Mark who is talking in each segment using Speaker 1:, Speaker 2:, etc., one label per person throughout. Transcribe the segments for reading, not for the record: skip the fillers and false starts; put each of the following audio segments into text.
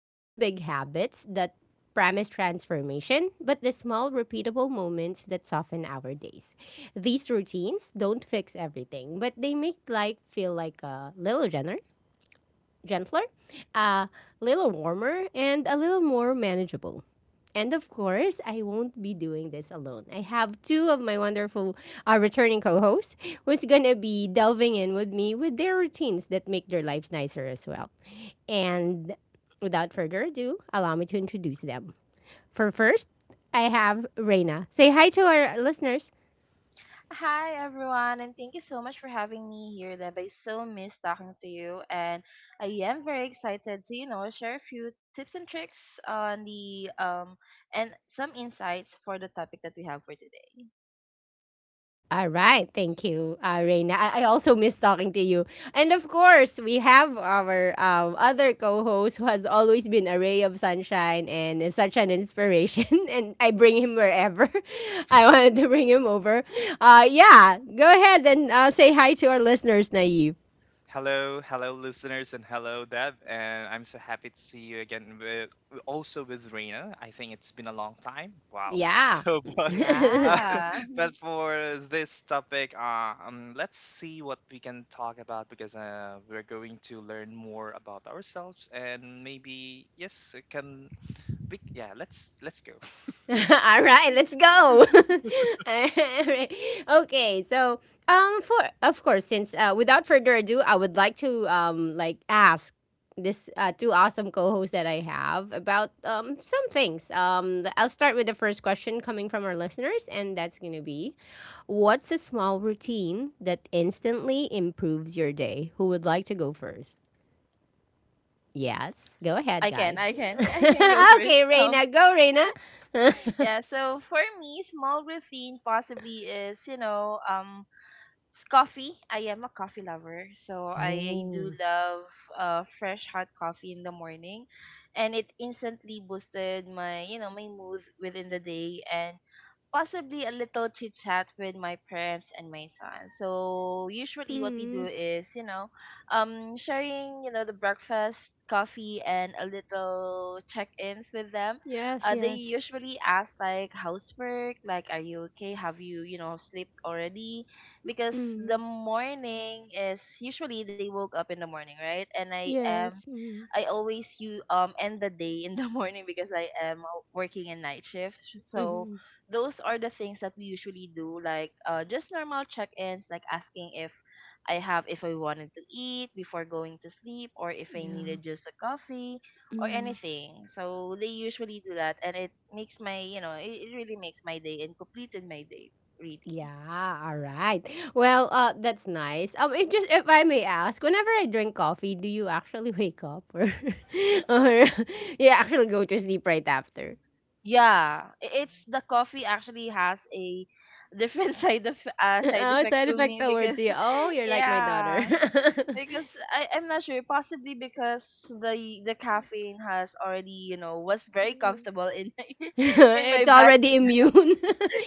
Speaker 1: Not the big habits that promise transformation, but the small, repeatable moments that soften our days. These routines don't fix everything, but they make life feel like a little generous gentler, a little warmer, and a little more manageable. And of course, I won't be doing this alone. I have two of my wonderful returning co hosts who's going to be delving in with me with their routines that make their lives nicer as well. And without further ado, allow me to introduce them. For first, I have Reina. Say hi to our listeners.
Speaker 2: Hi everyone, and thank you so much for having me here, Deb. I so miss talking to you, and I am very excited to share a few tips and tricks on the and some insights for the topic that we have for today.
Speaker 1: All right. Thank you, Reina. I also miss talking to you. And of course, we have our other co host who has always been a ray of sunshine and is such an inspiration. And I bring him wherever I wanted to bring him over. Yeah. Go ahead and say hi to our listeners, Naive.
Speaker 3: Hello, hello, listeners, and hello, Deb. And I'm so happy to see you again, also with Reina. I think it's been a long time. Wow.
Speaker 1: Yeah.
Speaker 3: So, but uh,
Speaker 2: Yeah,
Speaker 3: but for this topic, let's see what we can talk about, because we're going to learn more about ourselves and maybe yes, it can we? Yeah, let's go.
Speaker 1: All right, let's go. All right. okay, so for of course since Without further ado, I would like to ask this two awesome co-hosts that I have about some things. I'll start with the first question coming from our listeners, and that's going to be: what's a small routine that instantly improves your day? Who would like to go first? Yes, go ahead, guys.
Speaker 2: I can go first.
Speaker 1: Okay, Reina, go Reina.
Speaker 2: Yeah. So for me, small routine possibly is, it's coffee. I am a coffee lover, so I do
Speaker 1: Oh.
Speaker 2: love fresh hot coffee in the morning, and it instantly boosted my you know my mood within the day. And possibly a little chit chat with my parents and my son. So usually what we
Speaker 1: Mm,
Speaker 2: do is, sharing, the breakfast, coffee and a little check-ins with them.
Speaker 1: yes,
Speaker 2: They
Speaker 1: yes.
Speaker 2: usually ask like housework, like are you okay? Have you, slept already? Because the
Speaker 1: Mm,
Speaker 2: morning is usually they woke up in the morning, right? And I am
Speaker 1: yes. Mm,
Speaker 2: I always you end the day in the morning because I am working a night shift. So
Speaker 1: mm,
Speaker 2: those are the things that we usually do, like just normal check-ins, like asking if I have if I wanted to eat before going to sleep, or if I
Speaker 1: yeah.
Speaker 2: needed just a coffee or
Speaker 1: Mm.
Speaker 2: anything. So they usually do that, and it makes my you know it really makes my day and completed my day, really.
Speaker 1: Yeah, all right. Well, that's nice. If I may ask, whenever I drink coffee, do you actually wake up, or or you actually go to sleep right after?
Speaker 2: Yeah, it's the coffee actually has a different side
Speaker 1: Oh,
Speaker 2: effect
Speaker 1: side
Speaker 2: to
Speaker 1: effect
Speaker 2: me.
Speaker 1: towards
Speaker 2: Because
Speaker 1: you. Oh, you're like my daughter.
Speaker 2: yeah. Because I'm not sure, possibly because the caffeine has already, was very comfortable in my in my
Speaker 1: It's
Speaker 2: body.
Speaker 1: already immune.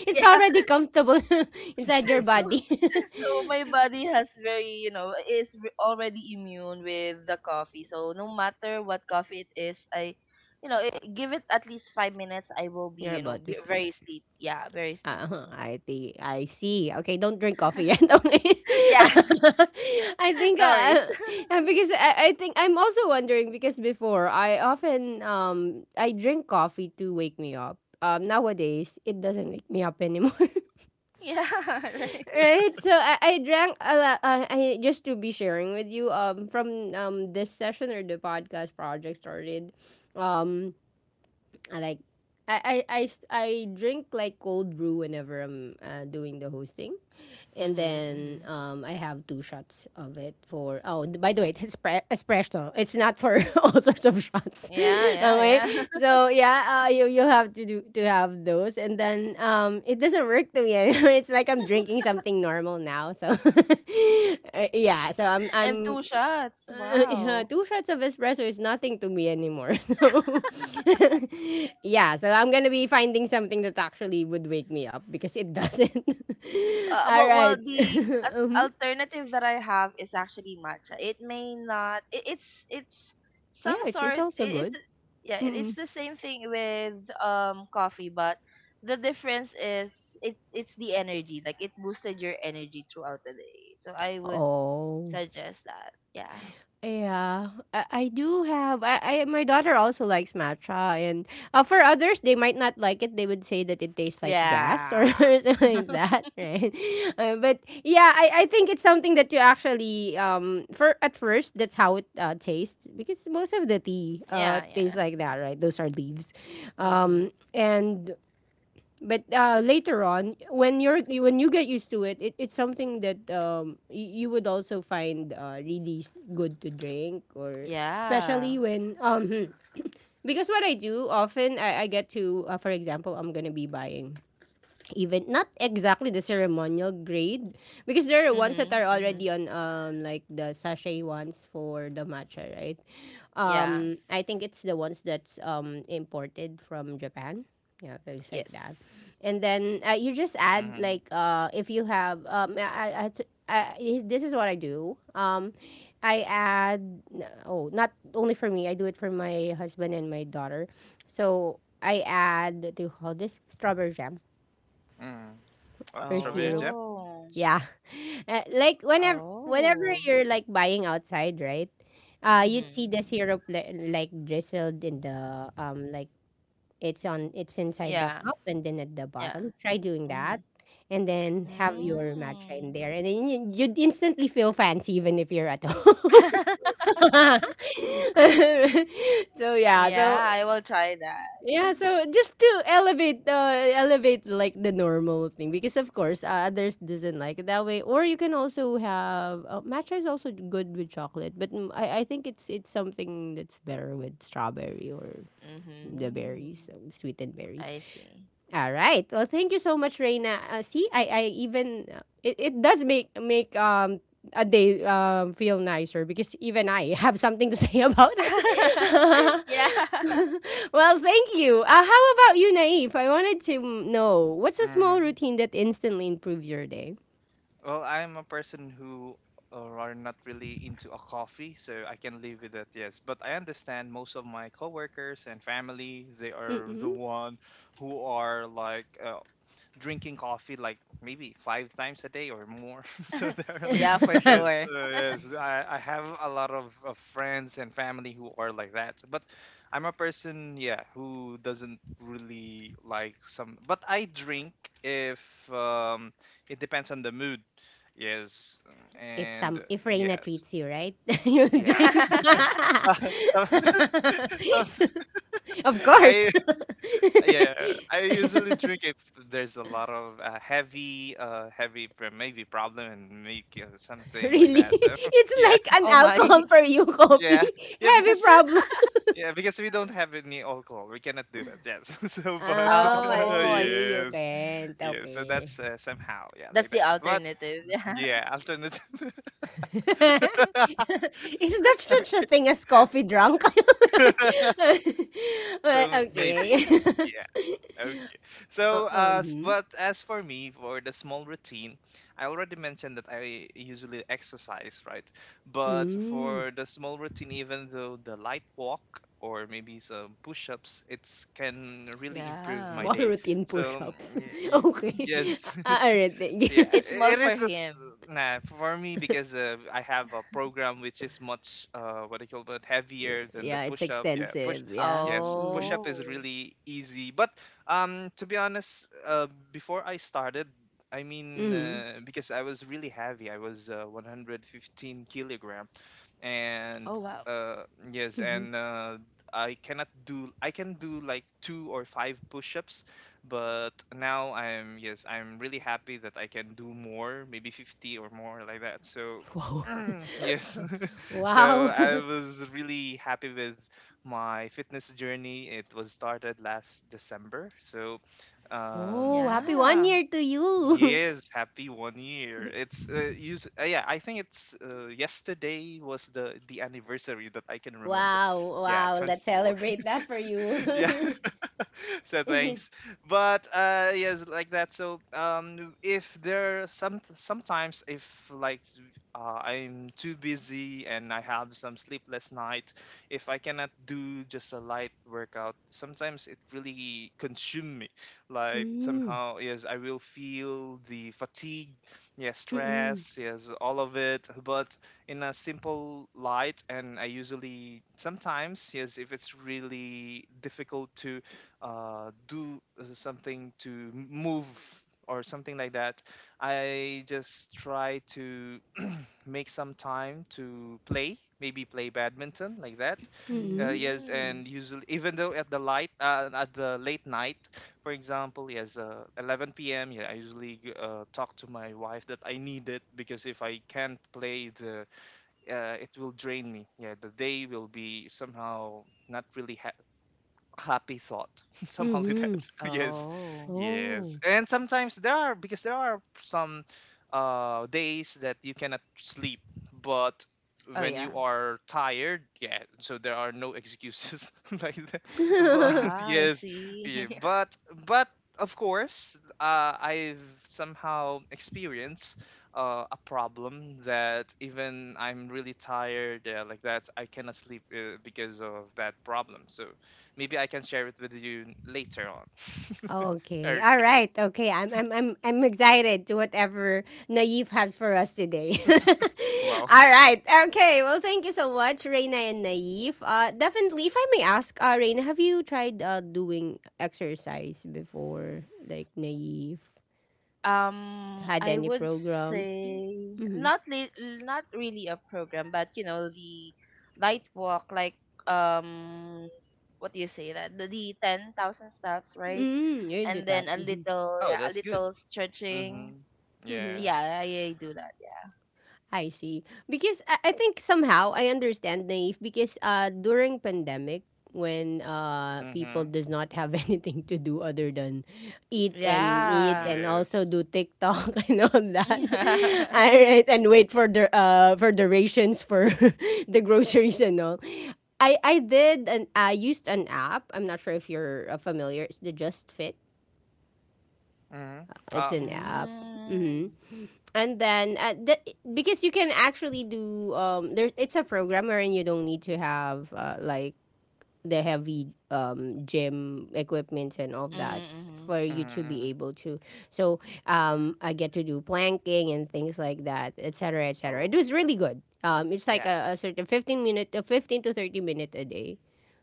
Speaker 1: It's
Speaker 2: Yeah.
Speaker 1: already comfortable inside your
Speaker 2: So
Speaker 1: body.
Speaker 2: my body has very, already immune with the coffee. So no matter what coffee it is, I you know, it, give it at least 5 minutes, I will
Speaker 1: You're
Speaker 2: be, you know,
Speaker 1: about to
Speaker 2: be
Speaker 1: sleep.
Speaker 2: very sleepy. Yeah, very
Speaker 1: Uh-huh,
Speaker 2: sleepy.
Speaker 1: I think I see. Okay, don't drink coffee yet. Okay.
Speaker 2: Yeah.
Speaker 1: I think
Speaker 2: No worries.
Speaker 1: uh, I think I'm also wondering because before I often I drink coffee to wake me up. Nowadays it doesn't wake me up anymore.
Speaker 2: Yeah, right.
Speaker 1: Right? So I drank a lot. I just To be sharing with you from this session, or the podcast project started, um I like I drink like cold brew whenever I'm doing the hosting, and
Speaker 2: Mm-hmm,
Speaker 1: then
Speaker 2: mm-hmm.
Speaker 1: I have two shots of it for. Oh, d- by the way, it's pre- espresso. It's not for all sorts of shots.
Speaker 2: Yeah, yeah, yeah.
Speaker 1: Okay, so yeah, you have to do to have those, and then it doesn't work to me anymore. It's like I'm drinking something normal now. So yeah, so
Speaker 2: And
Speaker 1: I'm
Speaker 2: two shots.
Speaker 1: Yeah,
Speaker 2: Wow.
Speaker 1: two shots of espresso is nothing to me anymore. So, yeah, so I'm gonna be finding something that actually would wake me up because it doesn't.
Speaker 2: Uh,
Speaker 1: All
Speaker 2: well, well,
Speaker 1: right.
Speaker 2: the
Speaker 1: Mhm.
Speaker 2: alternative that I have is actually matcha. It may not. It's some
Speaker 1: Yeah, it's
Speaker 2: sort.
Speaker 1: also good.
Speaker 2: Yeah. It's
Speaker 1: Mm-mm.
Speaker 2: the same thing with coffee, but the difference is it's the energy. Like, it boosted your energy throughout the day. So I would
Speaker 1: Oh.
Speaker 2: suggest that. Yeah.
Speaker 1: Yeah, I do have. I My daughter also likes matcha, and for others they might not like it. They would say that it tastes like grass or
Speaker 2: Yeah.
Speaker 1: something like that, right? But I think it's something that you actually for at first that's how it tastes, because most of the tea
Speaker 2: Yeah.
Speaker 1: tastes
Speaker 2: Yeah.
Speaker 1: like that, right? Those are leaves, um
Speaker 2: Mhm.
Speaker 1: and but later on, when you're when you get used to it, it it's something that you would also find really good to drink, or
Speaker 2: Yeah.
Speaker 1: especially when because what I do often, I get to for example, I'm gonna be buying even not exactly the ceremonial grade, because there are ones that are
Speaker 2: Mhm. Mhm.
Speaker 1: already on like the sachet ones for the matcha, right?
Speaker 2: Yeah.
Speaker 1: I think it's the ones that's imported from Japan, yeah, things like
Speaker 2: Yes.
Speaker 1: that. And then you just add
Speaker 3: Mm-hmm.
Speaker 1: like if you have this is what I do, I add, oh, not only for me, I do it for my husband and my daughter, so I add, what do you call this, strawberry jam
Speaker 3: Mm. Oh,
Speaker 1: or
Speaker 3: strawberry
Speaker 1: syrup.
Speaker 3: jam.
Speaker 2: Oh.
Speaker 1: Yeah. Like whenever whenever
Speaker 2: Oh.
Speaker 1: you're like buying outside, right? Uh, you'd see the
Speaker 2: Mhm.
Speaker 1: syrup li- like drizzled in the it's inside the
Speaker 2: Yeah.
Speaker 1: cup and then at the
Speaker 2: Yeah.
Speaker 1: bottom. Try doing that.
Speaker 2: Mhm.
Speaker 1: And then have your matcha in
Speaker 2: Mm.
Speaker 1: there, and then you- you'd instantly feel fancy even if you're at home. So yeah,
Speaker 2: Yeah,
Speaker 1: so
Speaker 2: I will try that.
Speaker 1: yeah, so just to elevate elevate like the normal thing, because of course others doesn't like it that way. Or you can also have, matcha is also good with chocolate, but mm, I think it's something that's better with strawberry, or the berries,
Speaker 2: Mhm.
Speaker 1: sweetened berries.
Speaker 2: I see.
Speaker 1: All right. Well, thank you so much, Reina. See, I Even it, it does make make a day feel nicer, because even I have something to say about it.
Speaker 2: Yeah.
Speaker 1: Well, thank you. How about you, Naif? I wanted to m- know what's a small routine that instantly improves your day.
Speaker 3: Well, I'm a person who are not really into a coffee, so I can live with that, yes. But I understand most of my coworkers and family, they are the
Speaker 1: Mm-mm.
Speaker 3: one who are like drinking coffee like maybe five times a day or more. So they're like,
Speaker 2: Yeah, for
Speaker 3: yes,
Speaker 2: sure.
Speaker 3: yes. I have a lot of friends and family who are like that. But I'm a person, yeah, who doesn't really like some. But I drink if it depends on the mood. Yes,
Speaker 1: If some,
Speaker 3: and
Speaker 1: if Reina
Speaker 3: yes,
Speaker 1: treats you right, you
Speaker 3: yeah.
Speaker 1: drink.
Speaker 3: so, so,
Speaker 1: Of course.
Speaker 3: I. Yeah, yeah, I usually drink if there's a lot of heavy, maybe problem and make something like
Speaker 1: Really?
Speaker 3: that. So
Speaker 1: It's
Speaker 3: yeah,
Speaker 1: like an
Speaker 2: Oh
Speaker 1: alcohol
Speaker 2: my.
Speaker 1: for you, coffee.
Speaker 3: yeah, yeah,
Speaker 1: Heavy
Speaker 3: because
Speaker 1: problem.
Speaker 3: yeah, because we don't have any alcohol, we cannot do that. Yes, so but
Speaker 1: Oh, I
Speaker 2: Oh, I
Speaker 1: see.
Speaker 2: see.
Speaker 1: You
Speaker 3: yes,
Speaker 1: can't.
Speaker 3: yeah, so
Speaker 1: Okay.
Speaker 3: that's somehow yeah
Speaker 2: That's
Speaker 3: like
Speaker 2: the
Speaker 3: that. But
Speaker 2: alternative. Yeah.
Speaker 3: yeah, alternative.
Speaker 1: Is that such a thing as coffee drunk? Well,
Speaker 3: So maybe
Speaker 1: okay.
Speaker 3: yeah, okay. So,
Speaker 1: Hmm.
Speaker 3: but as for me, for the small routine, I already mentioned that I usually exercise, right? But
Speaker 1: Mm.
Speaker 3: for the small routine, even though the light walk or maybe some push-ups, it can really improve my
Speaker 2: Yeah.
Speaker 1: Small
Speaker 3: day.
Speaker 1: routine
Speaker 3: So,
Speaker 1: push-ups. Okay.
Speaker 3: yes,
Speaker 1: A-
Speaker 3: it's
Speaker 1: alright. Thank you.
Speaker 2: It's small
Speaker 3: it
Speaker 2: for
Speaker 3: is just
Speaker 2: him.
Speaker 3: nah for me, because I have a program which is much, what do you call it, heavier than the
Speaker 1: Yeah, it's
Speaker 3: push-up. Yeah, push.
Speaker 1: extensive. Yeah.
Speaker 3: Yes, push
Speaker 1: Mm.
Speaker 3: up is
Speaker 2: Oh.
Speaker 3: really easy, but to be honest, before I started, I mean,
Speaker 1: Mm.
Speaker 3: because I was really heavy, I was 115 kilogram, and
Speaker 2: Oh wow.
Speaker 3: uh, yes,
Speaker 1: Hmm.
Speaker 3: and I cannot do, I can do like two or five push-ups, but now I'm really happy that I can do more, maybe 50 or more like that. So,
Speaker 1: Wow.
Speaker 3: yes. So
Speaker 1: Wow.
Speaker 3: I was really happy with my fitness journey. It was started last December. So,
Speaker 1: Oh,
Speaker 3: um,
Speaker 1: happy one
Speaker 2: Yeah.
Speaker 1: year to you.
Speaker 3: yes, happy 1 year. It's use yeah. I think it's yesterday was the anniversary that I can remember.
Speaker 1: Wow,
Speaker 3: Yeah,
Speaker 1: wow.
Speaker 3: twenty
Speaker 1: Let's
Speaker 3: four.
Speaker 1: celebrate that for
Speaker 3: Yeah.
Speaker 1: you.
Speaker 3: So thanks, but yes like that. So if there, sometimes, if like I'm too busy and I have some sleepless night, if I cannot do just a light workout, sometimes it really consume me, like
Speaker 1: Mm,
Speaker 3: somehow, yes, I will feel the fatigue, yes,
Speaker 1: mm-mm,
Speaker 3: stress, yes, all of it. But in a simple light, and I usually, sometimes, yes, if it's really difficult to do something to move or something like that, I just try to make some time to play, maybe play badminton like that.
Speaker 1: mm-mm,
Speaker 3: Yes,
Speaker 2: Mm.
Speaker 3: and usually, even though at the light at the late night, for example, yes, 11 p.m. Yeah, I usually talk to my wife that I need it, because if I can't play it will drain me. Yeah, the day will be somehow not really happy thought. Some
Speaker 1: mm-mm.
Speaker 3: holidays. Yes,
Speaker 2: Oh.
Speaker 3: yes.
Speaker 1: Oh.
Speaker 3: And sometimes there are some days that you cannot sleep, but
Speaker 2: Oh
Speaker 3: when
Speaker 2: yeah.
Speaker 3: you are tired, yeah, so there are no excuses, like that, but
Speaker 2: Ah, I
Speaker 3: yes,
Speaker 2: see.
Speaker 3: yeah, but of course, I've somehow experienced a problem that even I'm really tired, like that I cannot sleep, because of that problem. So maybe I can share it with you later on.
Speaker 1: Okay. All
Speaker 3: Okay.
Speaker 1: right. Okay. I'm excited to whatever Naive has for us today.
Speaker 3: Wow.
Speaker 1: All right. Okay. Well, thank you so much, Reina and Naive. Uh, definitely, if I may ask, uh, Reina, have you tried doing exercise before, like Naive? Had
Speaker 2: I
Speaker 1: any
Speaker 2: would
Speaker 1: program?
Speaker 2: say
Speaker 1: Mhm.
Speaker 2: not really a program, but you know the light walk, like, um, what do you say that the 10,000 steps, right?
Speaker 1: Mm, you do
Speaker 2: And
Speaker 1: that.
Speaker 2: then a
Speaker 1: Mhm.
Speaker 2: little,
Speaker 3: Oh,
Speaker 2: yeah, a
Speaker 3: that's good.
Speaker 2: little stretching.
Speaker 3: Mhm.
Speaker 1: Mhm.
Speaker 3: Yeah.
Speaker 2: Yeah, I do that.
Speaker 1: I see. Because I think somehow I understand Naive, because during pandemic, when people
Speaker 3: Mhm.
Speaker 1: does not have anything to do other than eat
Speaker 3: Yeah.
Speaker 1: and eat,
Speaker 2: Yeah,
Speaker 1: and also
Speaker 3: Yes.
Speaker 1: do TikTok and all that.
Speaker 2: yeah.
Speaker 1: All right, and wait for the rations for the groceries and all. I did, and I used an app. I'm not sure if you're familiar. It's the Just Fit.
Speaker 3: Mhm.
Speaker 1: It's an app. Hmm.
Speaker 2: Mm.
Speaker 1: And then because you can actually do there it's a program wherein you don't need to have the heavy gym equipment and all that
Speaker 2: Mm-hmm.
Speaker 1: for you to be
Speaker 3: Mhm.
Speaker 1: able to. So I get to do planking and things like that, etc., cetera, etc. Cetera. It was
Speaker 3: Oh.
Speaker 1: really good. It's like
Speaker 3: Yeah.
Speaker 1: a certain 15 minute, a 15 to 30 minute a day.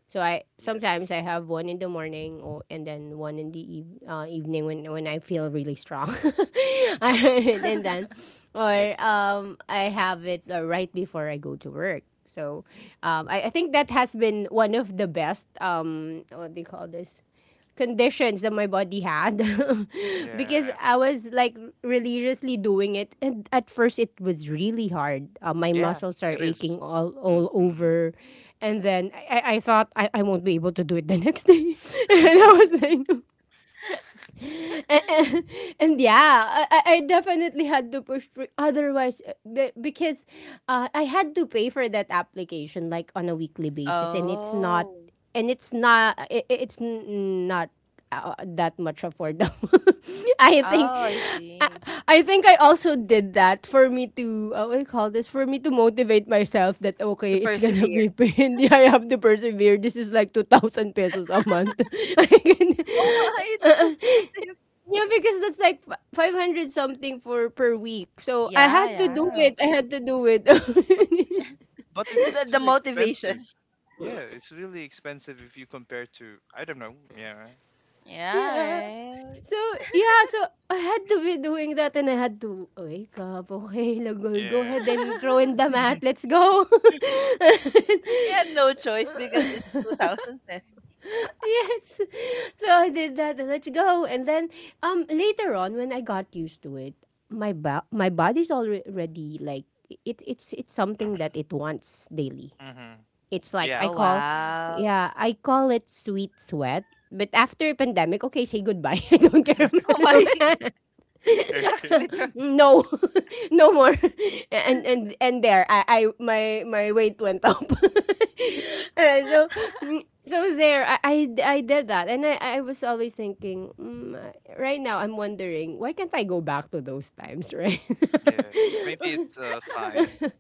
Speaker 1: So I sometimes I
Speaker 3: Yes.
Speaker 1: have one in the morning, or and then one in the evening, when I feel really strong, I- and then, or
Speaker 3: Okay.
Speaker 1: I have it right before I go to work. So I think that has been one of the best, what do you call this, conditions that my body had because
Speaker 3: Yeah.
Speaker 1: I was like religiously doing it. And at first, it was really hard. My
Speaker 3: Yeah.
Speaker 1: muscles are
Speaker 3: It is.
Speaker 1: aching all
Speaker 3: Mhm.
Speaker 1: over. And then I thought I won't be able to do it the next day. And I was like, and, and, yeah, I definitely had to push through. Otherwise, because I had to pay for that application like on a weekly basis,
Speaker 2: Oh,
Speaker 1: and it's not, it's not that much affordable. I think,
Speaker 2: oh, I
Speaker 1: I,
Speaker 2: see.
Speaker 1: I think I also did that for me to, what do you call this, for me to motivate myself that okay,
Speaker 2: To
Speaker 1: it's gonna
Speaker 2: persevere.
Speaker 1: be pain. I have to persevere. This is like 2,000 pesos a month. I can-
Speaker 2: Oh my, it's
Speaker 1: uh,
Speaker 2: too expensive.
Speaker 1: yeah, because that's like 500 something for per week. So I
Speaker 2: Yeah,
Speaker 1: had to do
Speaker 2: yeah.
Speaker 1: it. I had to do it.
Speaker 3: But but it's
Speaker 2: The
Speaker 3: too expensive.
Speaker 2: motivation.
Speaker 3: Yeah, it's really expensive if you compare to, I don't know. Yeah.
Speaker 2: Yeah,
Speaker 1: Yeah.
Speaker 2: right.
Speaker 1: So yeah, so I had to be doing that, and I had to wake up. Okay, like, go go ahead
Speaker 3: Yeah.
Speaker 1: and throw in the mat. Let's go.
Speaker 2: He had no choice because it's 2,000 pesos.
Speaker 1: Yes. So I did that. And let's go. And then later on, when I got used to it, my my body's already like it. It's something that it wants daily.
Speaker 3: Mhm.
Speaker 1: It's like I
Speaker 3: Yeah.
Speaker 2: Oh,
Speaker 1: call,
Speaker 2: wow.
Speaker 1: yeah, I call it sweet sweat. But after pandemic, okay, say goodbye. I don't care.
Speaker 2: Oh my, he
Speaker 3: Okay.
Speaker 2: actually dropped.
Speaker 1: No, no more. And there, I my weight went up. Alright, so so there, I I did that, and I was always thinking, right now I'm wondering why can't I go back to those times, right?
Speaker 3: Yes. Maybe it's a sign.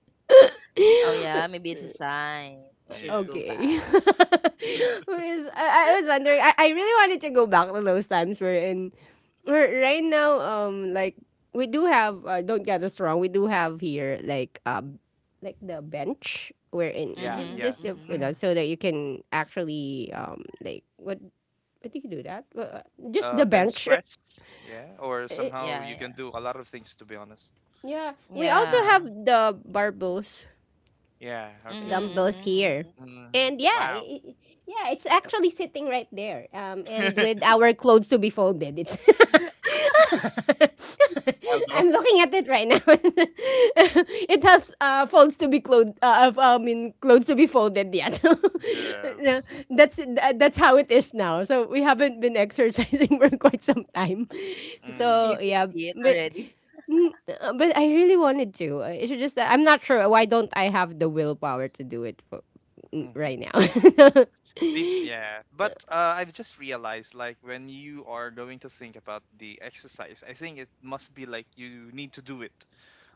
Speaker 2: Oh, yeah, maybe it's a sign. You should go
Speaker 3: Is,
Speaker 1: Okay.
Speaker 2: back.
Speaker 1: Because I was wondering, I really wanted to go back to those times where right now, like we do have, don't get us wrong, we do have here like the bench wherein
Speaker 3: yeah,
Speaker 2: Mm-hmm,
Speaker 3: yeah.
Speaker 1: just the
Speaker 2: mm-hmm.
Speaker 1: you know so that you can actually like what do you do that just the
Speaker 3: Bench
Speaker 1: bench.
Speaker 3: press. Yeah, or
Speaker 1: Uh, Eh,
Speaker 3: somehow
Speaker 2: Yeah,
Speaker 3: you can
Speaker 2: yeah.
Speaker 3: do a lot of things, to be honest.
Speaker 1: yeah, we also
Speaker 3: Mm.
Speaker 1: have
Speaker 2: Yeah.
Speaker 1: the barbells,
Speaker 3: Yeah.
Speaker 2: Mm-hmm,
Speaker 3: Okay.
Speaker 2: mm-hmm,
Speaker 1: dumbbells here.
Speaker 2: mm-hmm.
Speaker 3: Hmm.
Speaker 1: And yeah,
Speaker 3: Wow.
Speaker 1: yeah, it's actually sitting right there. And with our clothes to be folded, it's.
Speaker 3: Wild dog.
Speaker 1: I'm looking at it right now. It has folds to be clothed. I mean, clothes to be folded yet. No,
Speaker 3: Yes.
Speaker 1: that's how it is now. So we haven't been exercising for quite some time. So
Speaker 2: You
Speaker 3: Mm,
Speaker 2: can
Speaker 1: yeah,
Speaker 2: see it
Speaker 1: but
Speaker 2: already.
Speaker 1: But I really wanted to. It's just that I'm not sure why don't I have the willpower to do it for, right now.
Speaker 3: mm-hmm. Maybe, yeah, but I've just realized, like when you are going to think about the exercise, I think it must be like you need to do it,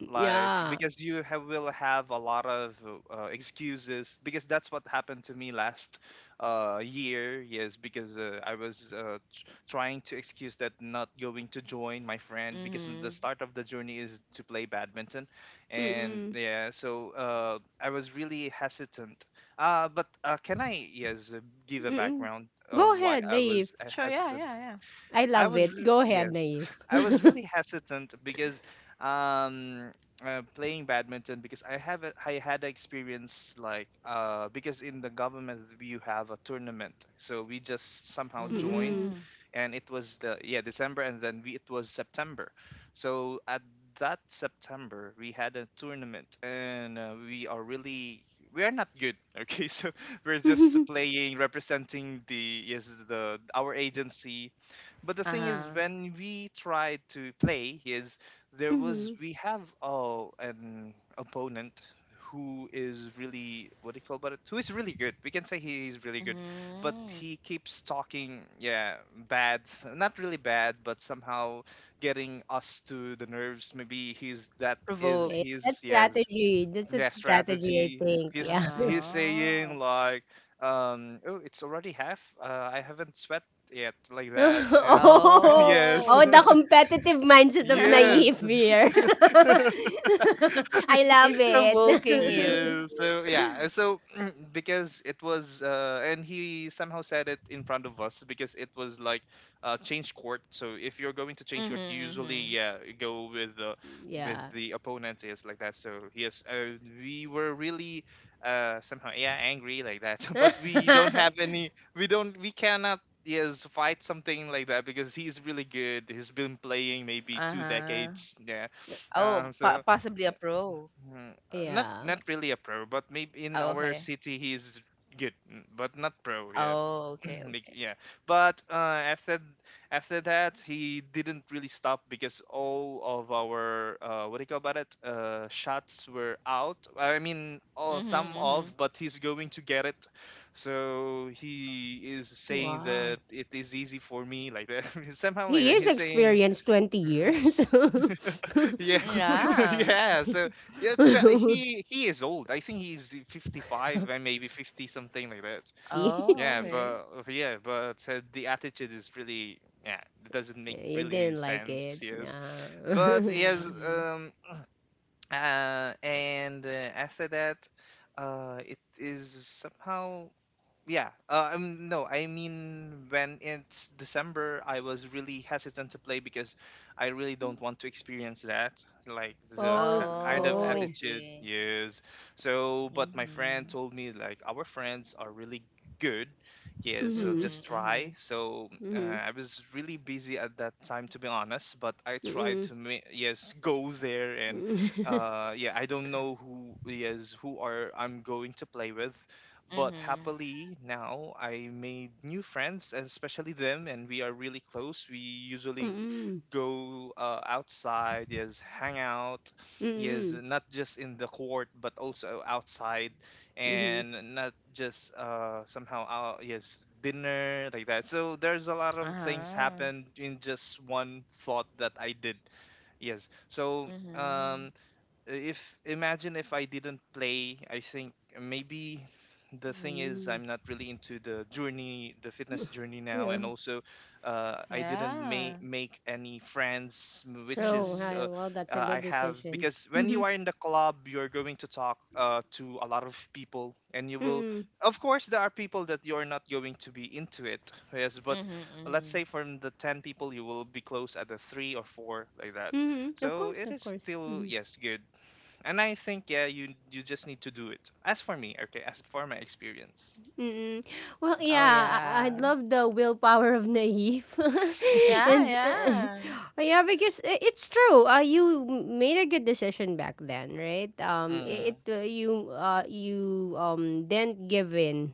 Speaker 3: like
Speaker 1: Yeah.
Speaker 3: because will have a lot of excuses, because that's what happened to me last year. Yes, because I was trying to excuse that not going to join my friend, because the
Speaker 2: Mm-hmm.
Speaker 3: start of the journey is to play badminton, and
Speaker 1: Mm-mm.
Speaker 3: yeah, so I was really hesitant, but can I, yes, give a
Speaker 1: Mm-mm.
Speaker 3: background
Speaker 1: Go
Speaker 3: of why
Speaker 1: ahead,
Speaker 3: I
Speaker 1: Naive.
Speaker 3: was
Speaker 2: Sure, yeah,
Speaker 3: hesitant?
Speaker 2: yeah, yeah.
Speaker 1: I love it. Go ahead,
Speaker 3: Yes,
Speaker 1: Naive.
Speaker 3: I was really hesitant, because um playing badminton, because I had a experience like, because in the government you have a tournament, so we just somehow joined,
Speaker 1: Mm-mm.
Speaker 2: Mm-hmm.
Speaker 3: and it was the, yeah, December, and then we it was September. So at that September we had a tournament, and we are not good. Okay, so we're just playing, representing the yes the our agency, but the thing is
Speaker 2: Uh-huh.
Speaker 3: when we tried to play is, there was
Speaker 1: Mm-hmm.
Speaker 3: we have oh an opponent who is really, what do you call about it, who is really good, we can say he is really good, but
Speaker 2: Mm-hmm.
Speaker 3: he keeps talking, yeah, bad not really bad but somehow getting us to the nerves. Maybe he's that is
Speaker 2: Provoke.
Speaker 1: Yeah, that's
Speaker 3: his, yes,
Speaker 1: strategy. That's a
Speaker 3: yeah,
Speaker 1: strategy, I
Speaker 3: strategy.
Speaker 1: think. Yeah.
Speaker 3: He's
Speaker 2: Uh-huh.
Speaker 3: saying like, oh, it's already half, I haven't sweat yet, like that. And
Speaker 1: Oh,
Speaker 3: yes,
Speaker 1: oh,
Speaker 2: Oh.
Speaker 1: the competitive mindset of Naive
Speaker 3: yes,
Speaker 1: here. I love
Speaker 2: He's provoking you.
Speaker 1: it.
Speaker 3: yeah. So because and he somehow said it in front of us, because it was like change court. So if you're going to change
Speaker 2: Mm-hmm,
Speaker 3: court, you usually,
Speaker 2: mm-hmm.
Speaker 3: yeah, go with the, with
Speaker 1: Yeah.
Speaker 3: the opponent, is like that. So yes, we were really, somehow, angry like that, but we don't have any, we don't, we cannot, yes fight something like that, because he's really good. He's been playing maybe two
Speaker 2: Uh-huh.
Speaker 3: decades. Yeah,
Speaker 2: Oh,
Speaker 3: so.
Speaker 2: possibly a pro.
Speaker 3: Mm, Not
Speaker 1: yeah.
Speaker 3: not really a pro, but maybe in
Speaker 2: Oh,
Speaker 3: our
Speaker 2: okay.
Speaker 3: city he's good, mm, but not pro. Yeah,
Speaker 2: Oh, okay,
Speaker 3: like,
Speaker 2: okay.
Speaker 3: yeah. But after after that he didn't really stop, because all of our what do you call about it, shots were out. I mean, all,
Speaker 2: Mm-hmm,
Speaker 3: some
Speaker 2: mm-hmm.
Speaker 3: of, but he's going to get it. So he is saying
Speaker 1: Wow.
Speaker 3: that it is easy for me, like that. Somehow like
Speaker 1: He
Speaker 3: that.
Speaker 1: is
Speaker 3: He's saying,
Speaker 1: experienced 20 years.
Speaker 3: yes.
Speaker 2: Yeah.
Speaker 3: Yeah, so yeah, it's about, he is old. I think he's 55 and maybe 50 something like that.
Speaker 1: See?
Speaker 2: Oh,
Speaker 3: Yeah, but
Speaker 2: okay.
Speaker 3: the attitude is really, yeah, it doesn't make
Speaker 1: Yeah, you
Speaker 3: really
Speaker 1: didn't like
Speaker 3: sense,
Speaker 1: it.
Speaker 3: yes. But
Speaker 2: Mm-hmm,
Speaker 1: Nah.
Speaker 3: yes,
Speaker 2: mm-hmm.
Speaker 3: and after that, it is somehow, yeah no, I mean, when it's December I was really hesitant to play, because I really don't want to experience that, like the
Speaker 1: Oh,
Speaker 3: kind of
Speaker 2: Oh, I
Speaker 1: oh.
Speaker 3: attitude,
Speaker 2: see.
Speaker 3: yes. So but my friend
Speaker 2: Mm-hmm.
Speaker 3: told me like our friends are really good. Yes. So
Speaker 1: Mm-hmm.
Speaker 3: just
Speaker 2: Mm-hmm, mm-hmm.
Speaker 3: try, so
Speaker 1: Mm-hmm.
Speaker 3: I was really busy at that time, to be honest, but I tried
Speaker 1: Mm-mm.
Speaker 3: to, yes, go there. And
Speaker 1: Mm-mm.
Speaker 3: yeah I don't know who, who are I'm going to play with. But
Speaker 2: Mm-hmm.
Speaker 3: happily now I made new friends, and especially them, and we are really close. We usually
Speaker 1: Mm-mm.
Speaker 3: go outside, yes, hang out, yes,
Speaker 1: Mm-mm.
Speaker 3: not just in the court but also outside,
Speaker 1: Mm-hmm.
Speaker 3: and not just somehow, dinner, like that. So there's a lot of things
Speaker 2: Uh-huh.
Speaker 3: happened in just one thought that I did. Yes, so.
Speaker 2: Mm-hmm.
Speaker 3: If Imagine if I didn't play, I think maybe the thing is
Speaker 1: Mm.
Speaker 3: I'm not really into the journey, the fitness journey now,
Speaker 1: Yeah.
Speaker 3: and also I didn't
Speaker 2: Yeah.
Speaker 3: make any friends, which
Speaker 1: True.
Speaker 3: is,
Speaker 2: Mm-hmm.
Speaker 1: Hi. Well, that's a
Speaker 3: I
Speaker 1: good
Speaker 3: have,
Speaker 1: decision.
Speaker 3: because when
Speaker 1: Mm-hmm.
Speaker 3: you are in the club, you're going to talk to a lot of people, and you will.
Speaker 1: Mm-mm.
Speaker 3: Of course, there are people that you're not going to be into it, yes. But
Speaker 2: Mm-hmm,
Speaker 3: let's
Speaker 2: mm-hmm.
Speaker 3: say from the 10 people, you will be close at the three or four, like that.
Speaker 1: Mm-hmm. Of
Speaker 3: So
Speaker 1: course,
Speaker 3: it
Speaker 1: of
Speaker 3: is
Speaker 1: course.
Speaker 3: still,
Speaker 1: Mm-hmm.
Speaker 3: good. And I think, yeah, you just need to do it. As for me, okay, as for my experience.
Speaker 1: Mm-mm. Well,
Speaker 2: Oh,
Speaker 1: yeah, I
Speaker 2: yeah.
Speaker 1: love the willpower of Naive,
Speaker 2: Yeah,
Speaker 1: and
Speaker 2: yeah.
Speaker 1: yeah, because it's true. You made a good decision back then, right?
Speaker 3: Mm,
Speaker 1: It you you didn't give in,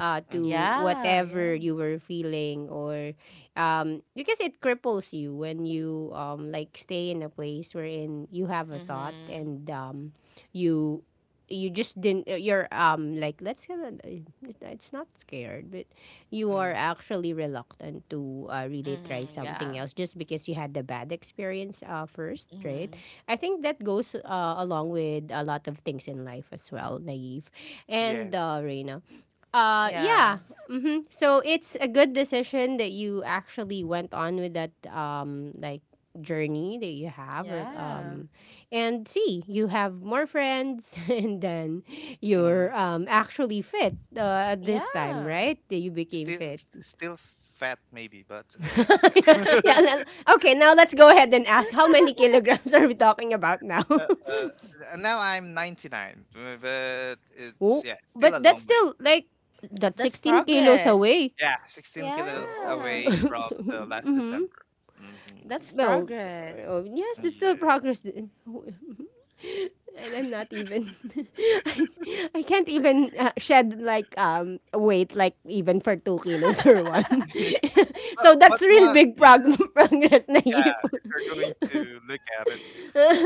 Speaker 3: mm,
Speaker 1: to
Speaker 2: Yeah, yeah.
Speaker 1: whatever you were feeling, or because it cripples you when you like stay in a place wherein you have a thought
Speaker 2: Mhm.
Speaker 1: and you you just didn't you're like let's say that, it's not scared but you are
Speaker 3: mm,
Speaker 1: actually reluctant to really try
Speaker 2: Mhm,
Speaker 1: something
Speaker 2: yeah.
Speaker 1: else just because you had the bad experience first, right?
Speaker 2: Mhm.
Speaker 1: I think that goes along with a lot of things in life as well, Naive and
Speaker 3: yes.
Speaker 1: Reina. uh
Speaker 2: Yeah.
Speaker 1: yeah hmm, so it's a good decision that you actually went on with that like journey that you have, or
Speaker 2: Yeah.
Speaker 1: and see you have more friends and then you're
Speaker 3: Mm.
Speaker 1: actually fit at this time,
Speaker 2: Yeah.
Speaker 1: right? That you became
Speaker 3: Still,
Speaker 1: fit.
Speaker 3: still fat maybe, but maybe
Speaker 1: Yeah,
Speaker 3: yeah.
Speaker 1: yeah, le- okay, now let's go ahead and ask how many kilograms are we talking about now.
Speaker 3: Uh, uh, Now I'm 99, but
Speaker 1: Oh,
Speaker 3: still a
Speaker 1: but that's
Speaker 3: long way.
Speaker 1: still like that's
Speaker 2: That's
Speaker 1: 16 kilos
Speaker 2: progress.
Speaker 1: away.
Speaker 3: Yeah, 16 kilos
Speaker 2: Yeah.
Speaker 3: away from the last
Speaker 1: Mm-hmm.
Speaker 3: December. Mm-hmm.
Speaker 2: That's
Speaker 1: Well,
Speaker 2: progress.
Speaker 1: yes, it's still progress,
Speaker 3: Yes.
Speaker 1: and I'm not even I, I can't even shed like weight, like even for 2 kilos or 1.
Speaker 3: but
Speaker 1: So
Speaker 3: but
Speaker 1: that's real
Speaker 3: my, yeah,
Speaker 1: progress,
Speaker 3: yeah,
Speaker 1: Naive.
Speaker 3: if you're going to look at it,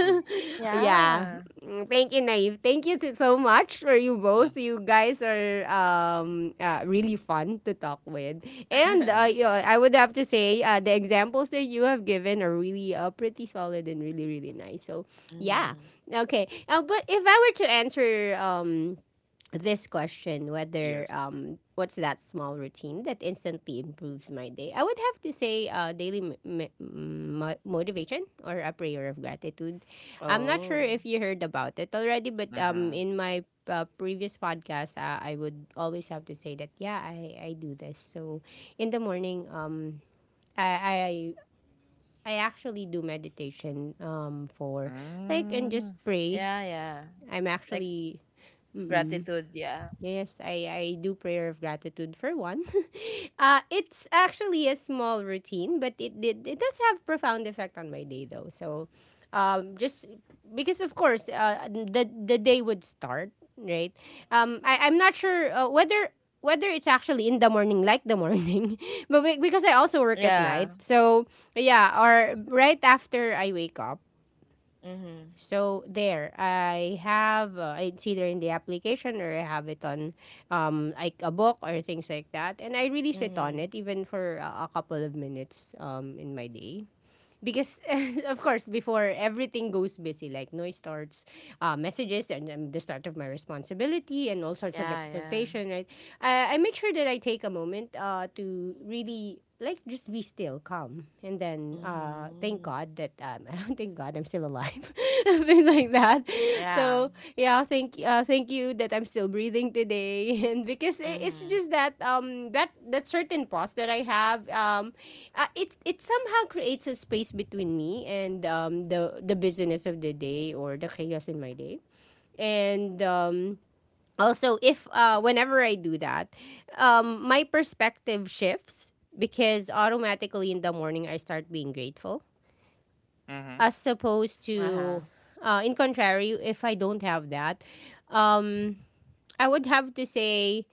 Speaker 3: mm,
Speaker 1: Yeah.
Speaker 2: Yeah.
Speaker 1: Mm, thank you, Naive. Thank you to, so much for you
Speaker 3: mm,
Speaker 1: both. You guys are really fun to talk with, and
Speaker 3: mm,
Speaker 1: you
Speaker 3: mm,
Speaker 1: know, I would have to say the examples that you have given are really pretty solid and really, really nice. So yeah,
Speaker 2: Mhm.
Speaker 1: okay. But if I were to answer this question whether
Speaker 3: yes.
Speaker 1: what's that small routine that instantly improves my day, I would have to say daily motivation or a prayer of gratitude. I'm not sure
Speaker 2: Oh.
Speaker 1: if you heard about it already, but
Speaker 3: Mm-hmm.
Speaker 1: in my previous podcast, I would always have to say that yeah, I do this. So in the morning i i I actually do meditation for like and just
Speaker 3: Mm.
Speaker 1: pray.
Speaker 2: Yeah, yeah.
Speaker 1: I'm
Speaker 2: Like
Speaker 1: actually Mm-mm.
Speaker 2: gratitude, yeah.
Speaker 1: Yes, I do prayer of gratitude for one. It's actually a small routine, but it does have profound effect on my day though. So, just because of course, the day would start right. I'm not sure whether it's actually in the morning like the morning, but because I also work at
Speaker 2: Yeah.
Speaker 1: night, so yeah, or right after I wake up.
Speaker 2: Mhm.
Speaker 1: So there, I have it's either in the application or I have it on like a book or things like that, and I really sit on
Speaker 2: Mhm.
Speaker 1: it even for a couple of minutes in my day, because of course before everything goes busy like noise starts, messages and the start of my responsibility and all sorts of
Speaker 2: Yeah, yeah.
Speaker 1: expectation, right? I make sure that I take a moment to really like just be still, calm, and then thank
Speaker 2: Mhm.
Speaker 1: God that I don't, thank God I'm still alive things like that.
Speaker 2: Yeah.
Speaker 1: So yeah, thank you that I'm still breathing today. And because it's
Speaker 2: Mhm.
Speaker 1: just that that certain pause that I have it it somehow creates a space between me and the busyness of the day or the chaos in my day. And also, if whenever I do that, my perspective shifts because automatically in the morning I start being grateful,
Speaker 3: Mhm,
Speaker 1: as opposed
Speaker 2: Uh-huh.
Speaker 1: to, in contrary, if I don't have that, um, I would have to say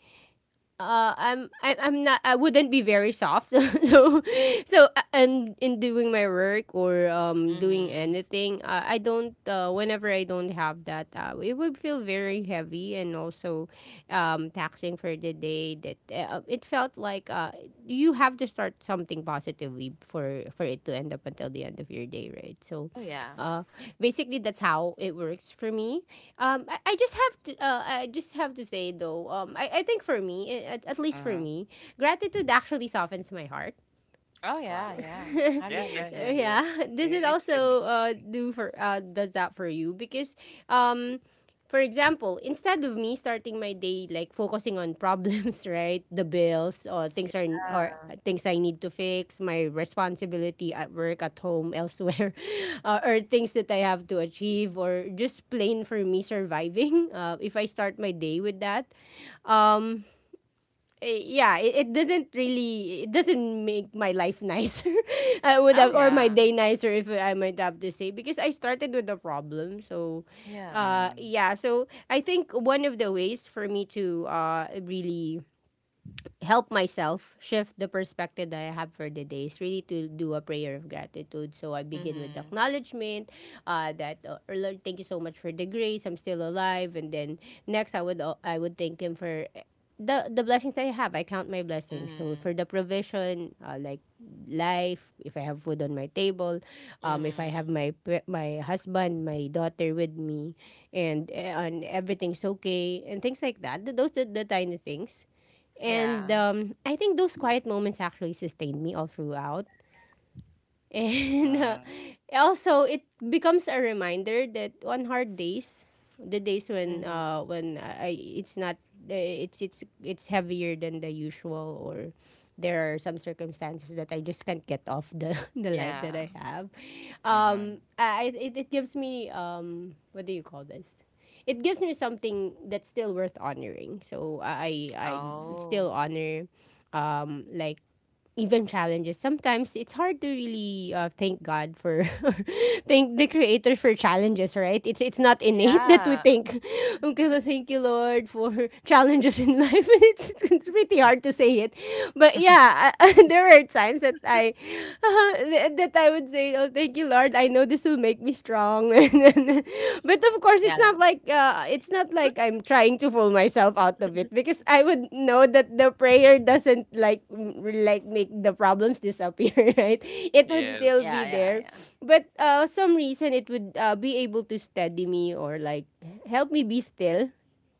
Speaker 1: I'm not, I wouldn't be very soft. So so and in doing my work or doing
Speaker 2: Mhm.
Speaker 1: anything, I don't whenever I don't have that, it would feel very heavy, and also taxing for the day, that it felt like you have to start something positively for it to end up until the end of your day, right? So
Speaker 2: Oh yeah.
Speaker 1: uh basically that's how it works for me. I just have to I just have to say though I think for me at least for
Speaker 3: mhm.
Speaker 1: me, gratitude actually softens my heart.
Speaker 2: Oh yeah,
Speaker 3: Wow.
Speaker 2: yeah.
Speaker 3: Yeah, yeah, yeah,
Speaker 2: 100%.
Speaker 3: yeah.
Speaker 1: Yeah, this
Speaker 3: It,
Speaker 1: is
Speaker 3: it can be.
Speaker 1: also do for does that for you because um for example, instead of me starting my day like focusing on problems, right? The bills or
Speaker 2: Yeah.
Speaker 1: things are or things I need to fix, my responsibility at work, at home, elsewhere, or things that I have to achieve or just plain for me surviving. If I start my day with that, um yeah, it doesn't really it doesn't make my life nicer. I would
Speaker 2: Oh
Speaker 1: have, or my
Speaker 2: yeah.
Speaker 1: day nicer if I might have to say, because I started with a problem. So,
Speaker 2: Yeah.
Speaker 3: Mm,
Speaker 1: yeah. So I think one of the ways for me to really help myself shift the perspective that I have for the day is really to do a prayer of gratitude. So I begin with the
Speaker 2: Mhm.
Speaker 1: acknowledgement that, "Oh, Lord, thank you so much for the grace. I'm still alive." And then next, I would thank Him for the blessings that I have. I count my blessings. So
Speaker 2: Mhm.
Speaker 1: for the provision, like life, if I have food on my table,
Speaker 2: Mhm.
Speaker 1: if I have
Speaker 2: Mhm.
Speaker 1: my my husband, my daughter with me, and and everything's okay and things like that. Those are the tiny things, and
Speaker 2: Yeah.
Speaker 1: I think those quiet moments actually sustained me all throughout. And
Speaker 3: mm,
Speaker 1: also, it becomes a reminder that on hard days, the days when
Speaker 2: Mhm.
Speaker 1: I it's not it's it's heavier than the usual, or there are some circumstances that I just can't get off the the life
Speaker 2: Yeah.
Speaker 1: that I have.
Speaker 3: mhm.
Speaker 1: It, it gives me what do you call this? It gives me something that's still worth honoring. So I still
Speaker 2: Oh.
Speaker 1: honor like even challenges. Sometimes it's hard to really thank God for thank the creator for challenges, right? It's not innate that we
Speaker 2: Yeah.
Speaker 1: think, okay, well, thank you Lord for challenges in life. It's pretty hard to say it. But yeah, I, there are times that I that I would say, "Oh, thank you Lord. I know this this will make me strong." And then, but of course,
Speaker 2: Yeah.
Speaker 1: it's not like I'm trying to fool myself out of it, because I would know that the prayer doesn't like like make the problems disappear, right? It would
Speaker 3: Yes.
Speaker 1: still
Speaker 2: Yeah,
Speaker 1: be
Speaker 2: yeah,
Speaker 1: there,
Speaker 2: yeah.
Speaker 1: but some reason it would be able to steady me or like help me be still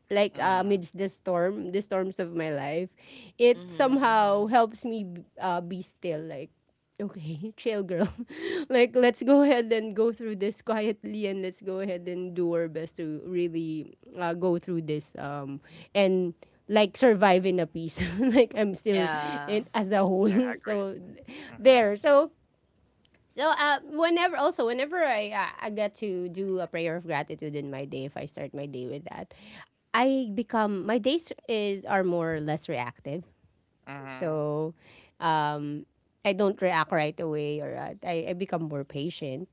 Speaker 1: like
Speaker 3: Mhm.
Speaker 1: amidst the storms of my life, it
Speaker 2: Mhm.
Speaker 1: somehow
Speaker 2: Mhm.
Speaker 1: helps me be still. Like, okay, chill, girl. Like, let's go ahead and go through this quietly, and let's go ahead and do our best to really go through this and like survive in a peace. Like, I'm still
Speaker 2: Yeah.
Speaker 1: in as a whole.
Speaker 3: Yeah, I agree.
Speaker 1: So
Speaker 3: Mhm.
Speaker 1: there. So whenever, also whenever I get to do a prayer of gratitude in my day, if I start my day with that, I become my days is are more or less reactive.
Speaker 3: Mhm.
Speaker 1: So um, I don't react right away, or I become more patient,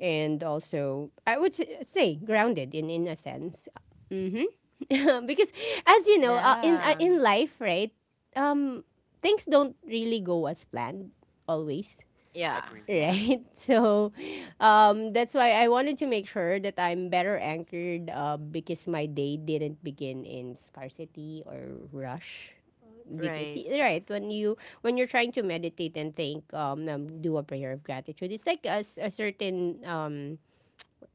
Speaker 1: and also I would say grounded in a sense. hmm because as you know,
Speaker 2: Yeah.
Speaker 1: in life, right, um, things don't really go as planned always.
Speaker 2: Yeah,
Speaker 3: Agree.
Speaker 2: yeah.
Speaker 1: Right? So, that's why I wanted to make sure that I'm better anchored because my day didn't begin in scarcity or rush. Because
Speaker 2: Right.
Speaker 1: right when you're trying to meditate and think, do a prayer of gratitude, it's like a certain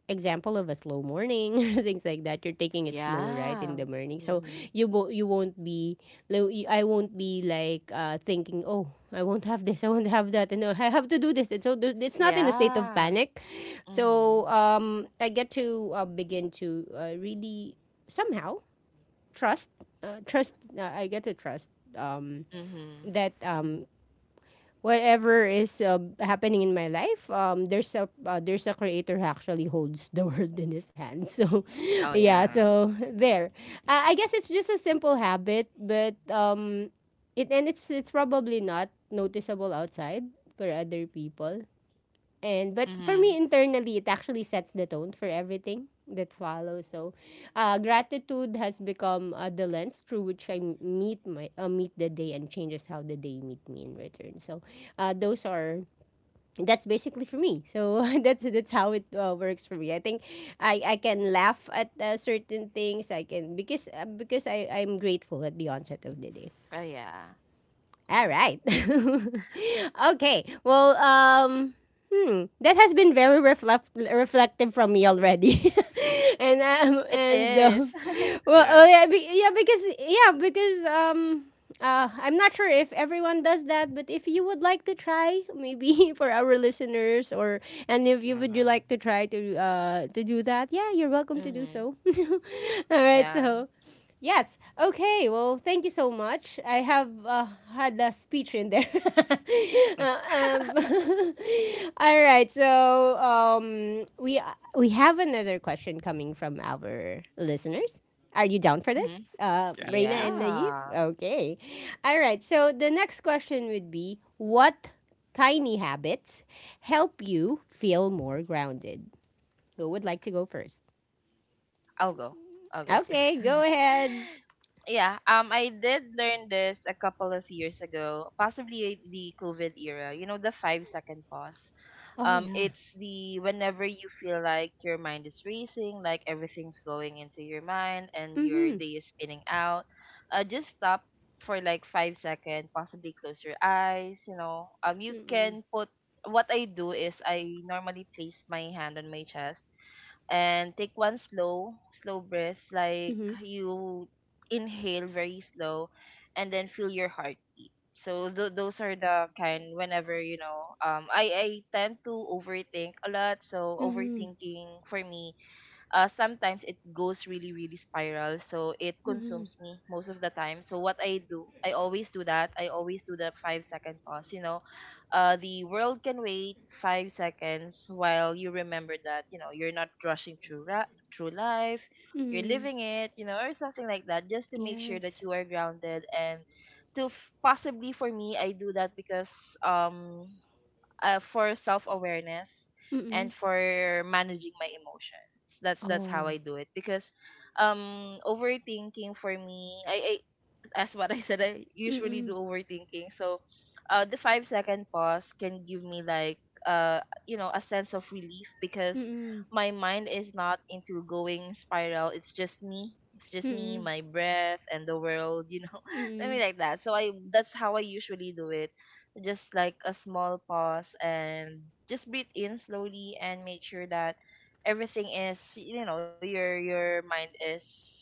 Speaker 1: example of a slow morning. Things like that, you're taking it slow right
Speaker 2: Yeah.
Speaker 1: in the morning, so
Speaker 2: Mhm.
Speaker 1: you won't be I won't be like thinking, oh, I won't have this, I won't have that, and I have to do this. And it's not in a state of
Speaker 2: Yeah.
Speaker 1: panic.
Speaker 2: Mhm.
Speaker 1: So I get to begin to really somehow trust trust I get to trust um
Speaker 2: Mhm.
Speaker 1: that
Speaker 2: Mhm.
Speaker 1: whatever is happening in my life, there's a creator who actually holds the world in his hand. So,
Speaker 2: Oh
Speaker 1: yeah.
Speaker 2: yeah.
Speaker 3: Mhm.
Speaker 1: So there, I guess it's just a simple habit, but it's probably not noticeable outside for other people. And but for
Speaker 2: Mhm.
Speaker 1: me internally, it actually sets the tone for everything that follows. So, gratitude has become the lens through which I meet the day, and changes how the day meet me in return. So, those are that's basically for me. So that's how it works for me. I think I can laugh at certain things. I can, because I'm grateful at the onset of the day.
Speaker 2: Oh yeah. Yeah.
Speaker 1: All right. Okay. Well, that has been very reflective from me already,
Speaker 2: It
Speaker 1: and
Speaker 2: is.
Speaker 1: well, oh
Speaker 3: Yeah.
Speaker 1: yeah, be- yeah, because yeah, because. I'm not sure if everyone does that, but if you would like to try, maybe, for our listeners, or and if you would you
Speaker 3: Mhm.
Speaker 1: like to try to do that, yeah, you're welcome to do
Speaker 2: Mm-hmm.
Speaker 1: so. All right,
Speaker 2: Yeah.
Speaker 1: so yes. Okay. Well, thank you so much. I have had a speech in there. Uh, um, all right. So we have another question coming from our listeners. Are you down for this,
Speaker 2: Mm-hmm.
Speaker 3: Yeah.
Speaker 1: Reina and
Speaker 3: Yes.
Speaker 1: Naive?
Speaker 2: Yeah.
Speaker 1: Okay. All right. So the next question would be: what tiny habits help you feel more grounded? Who would like to go first?
Speaker 2: I'll go. I'll go
Speaker 1: Okay.
Speaker 2: first.
Speaker 1: Go ahead.
Speaker 2: Yeah. I did learn this a couple of years ago, possibly the COVID era. The 5-second pause.
Speaker 1: Oh yeah.
Speaker 2: It's the Whenever you feel like your mind is racing, like everything's going into your mind and your
Speaker 1: Mm-hmm.
Speaker 2: day is spinning out. Just stop for like 5 seconds, possibly close your eyes. You
Speaker 1: Mm.
Speaker 2: can put. What I do is I normally place my hand on my chest and take one slow breath, like
Speaker 1: Mhm.
Speaker 2: you inhale very slow, and then feel your heartbeat. So those are the kind whenever I tend to overthink a lot. So
Speaker 1: Mhm.
Speaker 2: overthinking for me, sometimes it goes really, really spiral, so it
Speaker 1: Mhm.
Speaker 2: consumes me most of the time. So what I do, I always do that, I always do the 5-second pause, you know. The world can wait 5 seconds while you remember that, you know, you're not rushing through life, you're
Speaker 1: Mhm.
Speaker 2: living it, you know, or something like that, just to make sure
Speaker 1: Yes.
Speaker 2: that you are grounded. And possibly for me, I do that because um for self awareness
Speaker 1: Mm.
Speaker 2: and for managing my emotions. That's how
Speaker 1: Oh.
Speaker 2: I do it because overthinking for me, as what I said, I usually do
Speaker 1: Mm.
Speaker 2: overthinking. So, the 5-second pause can give me like a sense of relief because
Speaker 1: Mm.
Speaker 2: my mind is not into going spiral. It's just me. It's just me,
Speaker 1: Mm.
Speaker 2: my breath, and the world. You know,
Speaker 1: Mm.
Speaker 2: something like that. So I that's how I usually do it. Just like a small pause and just breathe in slowly, and make sure that everything is, you know, your mind is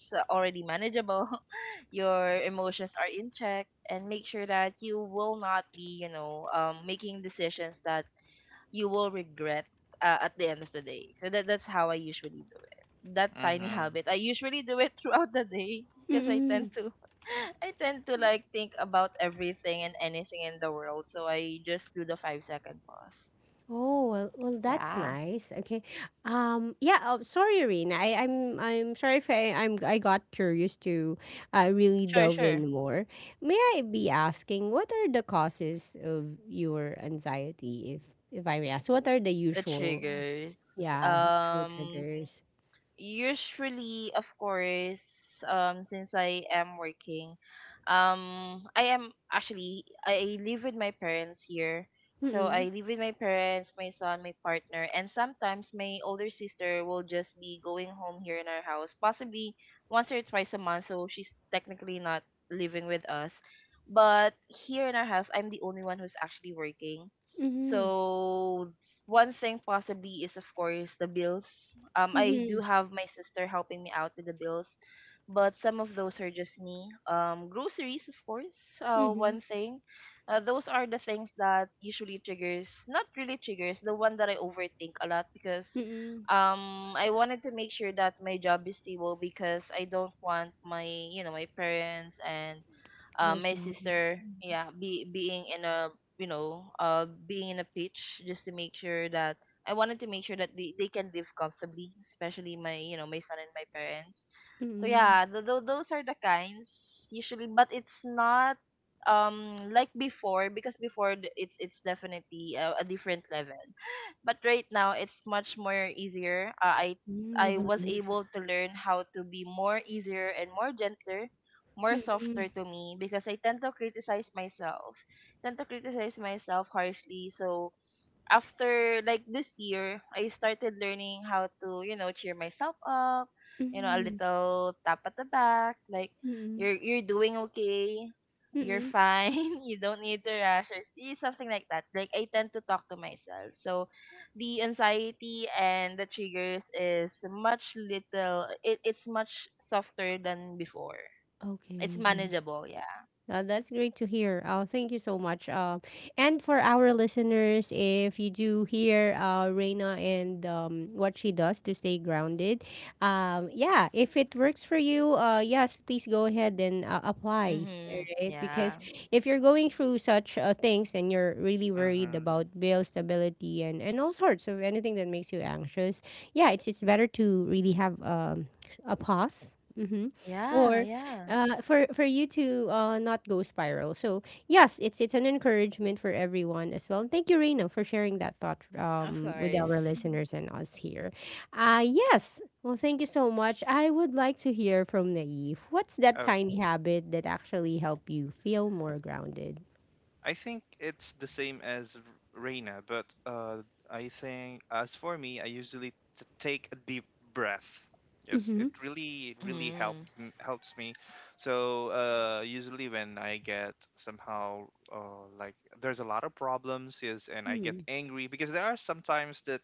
Speaker 2: already manageable, your emotions are in check, and make sure that you will not be, you know, making decisions that you will regret at the end of the day. So that that's how I usually do it. That tiny
Speaker 3: Mhm.
Speaker 2: habit, I usually do it throughout the day, because I tend
Speaker 1: Mm.
Speaker 2: to I tend to like think about everything and anything in the world. So I just do the 5-second pause.
Speaker 1: Oh, well, well, that's
Speaker 2: Yeah.
Speaker 1: nice. Okay. Yeah, oh, sorry, Irene. I'm sorry if I got curious to really
Speaker 2: Sure,
Speaker 1: delve
Speaker 2: sure.
Speaker 1: in more. May I be asking what are the causes of your anxiety, if I may ask? What are the
Speaker 2: The
Speaker 1: usual,
Speaker 2: triggers,
Speaker 1: yeah, usual triggers?
Speaker 2: usually, of course, since I am working, I am actually I live with my parents here. So I
Speaker 1: Mm-mm.
Speaker 2: live with my parents, my son, my partner, and sometimes my older sister will just be going home here in our house, possibly once or twice a month. So she's technically not living with us, but here in our house, I'm the only one who's actually working.
Speaker 1: Mm-hmm.
Speaker 2: So one thing possibly is, of course, the bills. I do
Speaker 1: Mhm,
Speaker 2: have my sister helping me out with the bills, but some of those are just me. Groceries, of course,
Speaker 1: mhm,
Speaker 2: one thing. Those are the things that usually triggers, not really triggers, the one that I overthink a lot, because
Speaker 1: mm.
Speaker 2: I wanted to make sure that my job is stable, because I don't want my, my parents and
Speaker 1: There's
Speaker 2: my
Speaker 1: none.
Speaker 2: sister, yeah, be being in a, being in a pitch, just to make sure that I wanted to make sure that they can live comfortably, especially my, my son and my parents. So
Speaker 1: Mm.
Speaker 2: yeah, those are the kinds usually, but it's not like before. Because before, it's definitely a different level, but right now it's much more easier.
Speaker 1: Hmm, you
Speaker 2: I
Speaker 1: can
Speaker 2: was
Speaker 1: manage it.
Speaker 2: able to learn how to be more easier and more gentler, more softer
Speaker 1: Mm,
Speaker 2: to me, because I tend to criticize myself, tend to criticize myself harshly. So after like this year, I started learning how to, you know, cheer myself up, you know, a
Speaker 1: mm,
Speaker 2: little tap at the back, like,
Speaker 1: mm,
Speaker 2: you're doing okay, you're
Speaker 1: mm.
Speaker 2: fine, you don't need to rush, or something like that. Like, I tend to talk to myself. So the anxiety and the triggers is much little, it, it's much softer than before. It's
Speaker 1: Okay, well,
Speaker 2: manageable, yeah.
Speaker 1: That's great to hear. Thank you so much. And for our listeners, if you do hear Reina and what she does to stay grounded, yeah, if it works for you, yes, please go ahead and apply.
Speaker 2: Mhm.
Speaker 1: Right?
Speaker 2: Yeah.
Speaker 1: Because if you're going through such things and you're really worried
Speaker 3: Mhm.
Speaker 1: about bill stability and all sorts of anything that makes you anxious, yeah, it's better to really have a pause. Mm-hmm.
Speaker 2: Yeah,
Speaker 1: Or
Speaker 2: yeah.
Speaker 1: for you to not go spiral. So yes, it's an encouragement for everyone as well. And thank you, Reina, for sharing that thought
Speaker 2: Of
Speaker 1: with
Speaker 2: course.
Speaker 1: our listeners and us here. Yes. Well, thank you so much. I would like to hear from Naive. What's that
Speaker 3: Oh.
Speaker 1: tiny habit that actually help you feel more grounded?
Speaker 3: I think it's the same as Reina, but I think as for me, I usually take a deep breath. Yes,
Speaker 1: Mm-hmm.
Speaker 3: it really
Speaker 2: Mm,
Speaker 3: helps me. So usually when I get somehow like there's a lot of problems, yes, and I get angry because there are sometimes that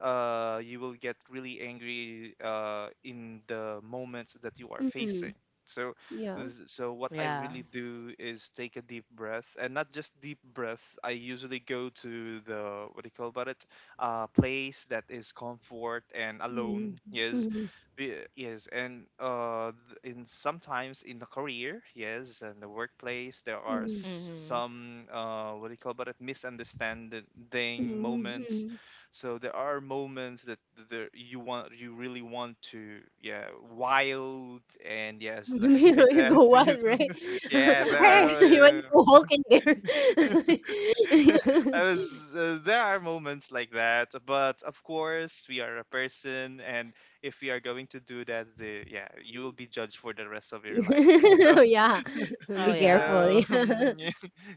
Speaker 3: you will get really angry in the moments that you are
Speaker 1: Mm-hmm.
Speaker 3: facing. So
Speaker 1: Yeah.
Speaker 3: So what I
Speaker 2: yeah.
Speaker 3: really do is take a deep breath, and not just deep breath. I usually go to the what do you call about it, place that is comfort and
Speaker 1: Mm-hmm.
Speaker 3: alone. Yes,
Speaker 1: Mm-hmm.
Speaker 3: Yes, and in sometimes in the career, yes, and the workplace, there are
Speaker 1: Mm-hmm.
Speaker 2: Mhm.
Speaker 3: some what do you call about it, misunderstanding moments,
Speaker 1: Mm-hmm.
Speaker 3: so there are moments that there you want, you really want to yeah wild and yes
Speaker 1: You
Speaker 3: like
Speaker 1: you
Speaker 3: that
Speaker 1: go
Speaker 3: yes,
Speaker 1: wild, right?
Speaker 3: yeah, there
Speaker 1: You want
Speaker 3: are
Speaker 1: to go Hulk there.
Speaker 3: I was there are moments like that, but of course we are a person and if we are going to do that the yeah you will be judged for the rest of your life. So
Speaker 1: Yeah.
Speaker 2: Oh,
Speaker 1: Be careful.
Speaker 2: yeah.
Speaker 3: so
Speaker 1: Yeah.
Speaker 3: yeah,